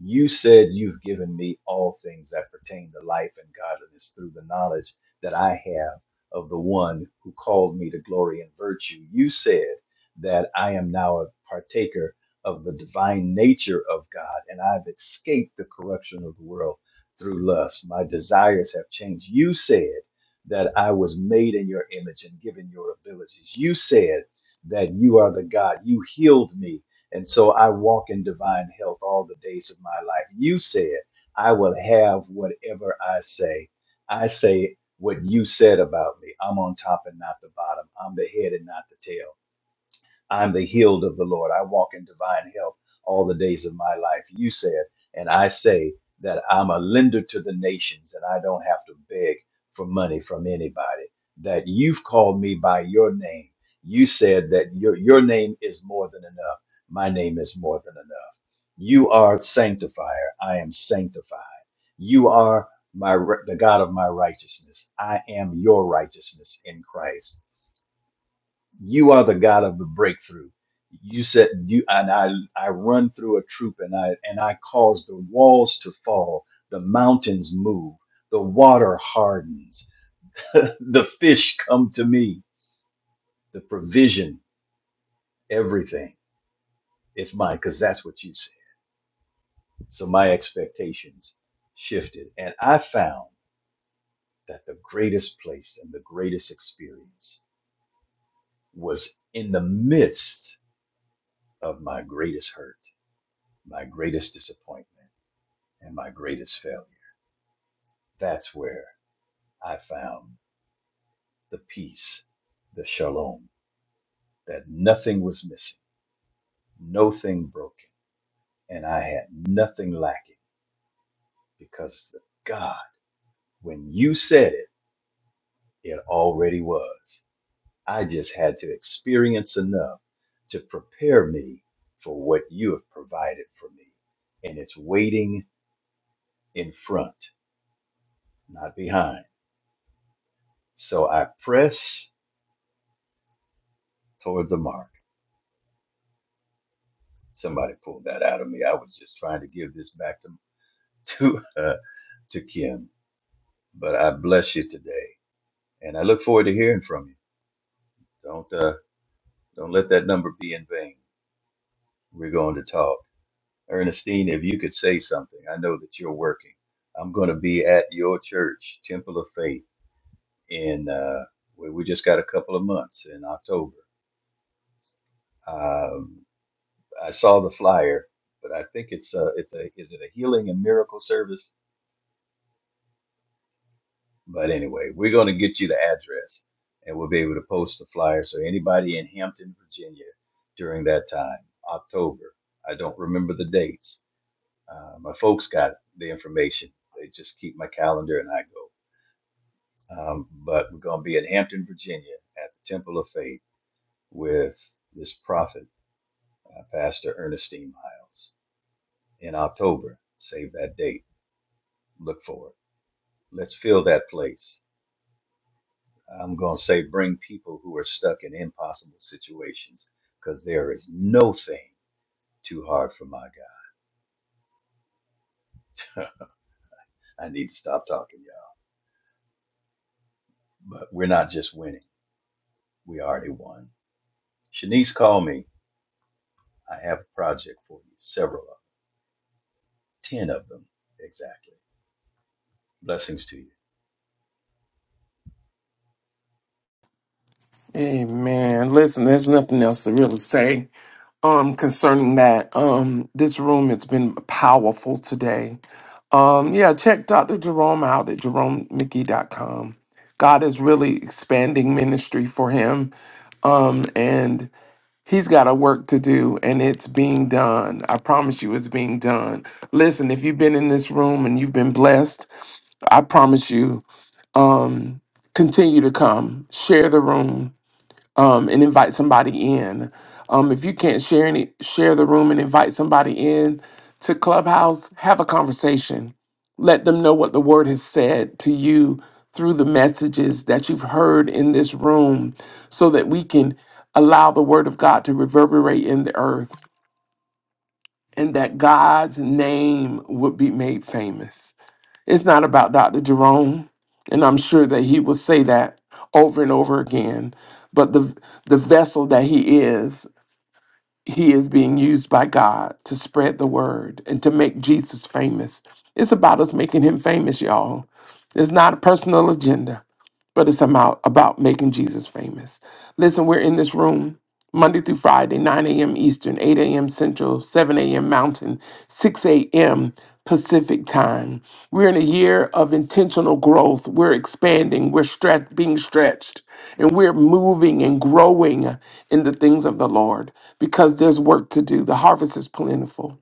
You said you've given me all things that pertain to life and godliness through the knowledge that I have of the one who called me to glory and virtue. You said that I am now a partaker of the divine nature of God, and I've escaped the corruption of the world through lust. My desires have changed. You said that I was made in your image and given your abilities. You said that you are the God. You healed me and so I walk in divine health all the days of my life. You said, I will have whatever I say. I say what you said about me. I'm on top and not the bottom. I'm the head and not the tail. I'm the healed of the Lord. I walk in divine health all the days of my life. You said, and I say that I'm a lender to the nations and I don't have to beg for money from anybody. That you've called me by your name. You said that your, your name is more than enough. My name is more than enough. You are sanctifier. I am sanctified. You are my the God of my righteousness. I am your righteousness in Christ you are the God of the breakthrough. You said you and I I run through a troop and I and I cause the walls to fall, the mountains move, the water hardens, the fish come to me, the provision, everything is mine, because that's what you said. So my expectations shifted. And I found that the greatest place and the greatest experience was in the midst of my greatest hurt, my greatest disappointment and my greatest failure. That's where I found the peace, the shalom, that nothing was missing, no thing broken, and I had nothing lacking because God, when you said it, it already was. I just had to experience enough to prepare me for what you have provided for me. And it's waiting in front, not behind. So I press toward the mark somebody pulled that out of me. I was just trying to give this back to to uh, to Kim, but I bless you today, and I look forward to hearing from you. Don't uh, don't let that number be in vain. We're going to talk, Ernestine. If you could say something, I know that you're working. I'm going to be at your church, Temple of Faith, in uh, we we just got a couple of months in October. Um, I saw the flyer, but I think it's a, it's a is it a healing and miracle service? But anyway, we're going to get you the address and we'll be able to post the flyer. So anybody in Hampton, Virginia during that time, October, I don't remember the dates. Uh, my folks got the information. They just keep my calendar and I go. Um, but we're going to be in Hampton, Virginia at the Temple of Faith with this prophet, uh, Pastor Ernestine Miles in October. Save that date. Look for it. Let's fill that place. I'm going to say bring people who are stuck in impossible situations because there is no thing too hard for my God. I need to stop talking, y'all. But we're not just winning, we already won. Shanice called me. I have a project for you, several of them, 10 of them exactly. Blessings to you.
Amen. Listen, there's nothing else to really say. um concerning that um this room has been powerful today um yeah check dr jerome out at jerome mickey dot com. god is really expanding ministry for him um and he's got a work to do and it's being done i promise you it's being done listen if you've been in this room and you've been blessed i promise you um continue to come share the room um, and invite somebody in. Um, if you can't share any, share the room and invite somebody in to Clubhouse. Have a conversation. Let them know what the Word has said to you through the messages that you've heard in this room, so that we can allow the Word of God to reverberate in the earth, and that God's name would be made famous. It's not about Dr. Jerome, and I'm sure that he will say that over and over again. But the the vessel that he is, he is being used by God to spread the word and to make Jesus famous. It's about us making him famous, y'all. It's not a personal agenda but it's about, about making Jesus famous. Listen, we're in this room Monday through Friday, 9 a.m. Eastern, 8 a.m. Central, 7 a.m. Mountain, 6 a.m. Pacific time. We're in a year of intentional growth. We're expanding, we're stretch, being stretched, and we're moving and growing in the things of the Lord because there's work to do. The harvest is plentiful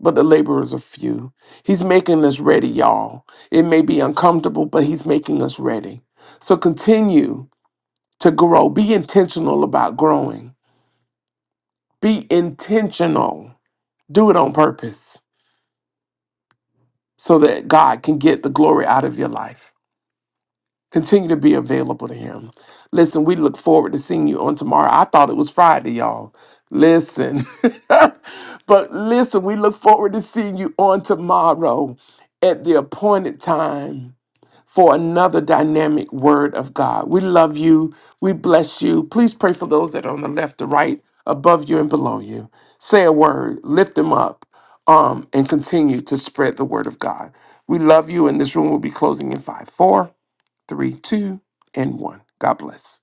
but the laborers are few. He's making us ready, y'all. It may be uncomfortable, but He's making us ready. So continue to grow. Be intentional about growing. Be intentional. Do it on purpose so that God can get the glory out of your life. Continue to be available to Him. Listen, we look forward to seeing you on tomorrow. I thought it was Friday, y'all. Listen, but listen, we look forward to seeing you on tomorrow at the appointed time for another dynamic word of God. We love you. We bless you. Please pray for those that are on the left, the right, above you, and below you. Say a word, lift them up, um, and continue to spread the word of God. We love you, and this room will be closing in five, four, three, two, and one. God bless.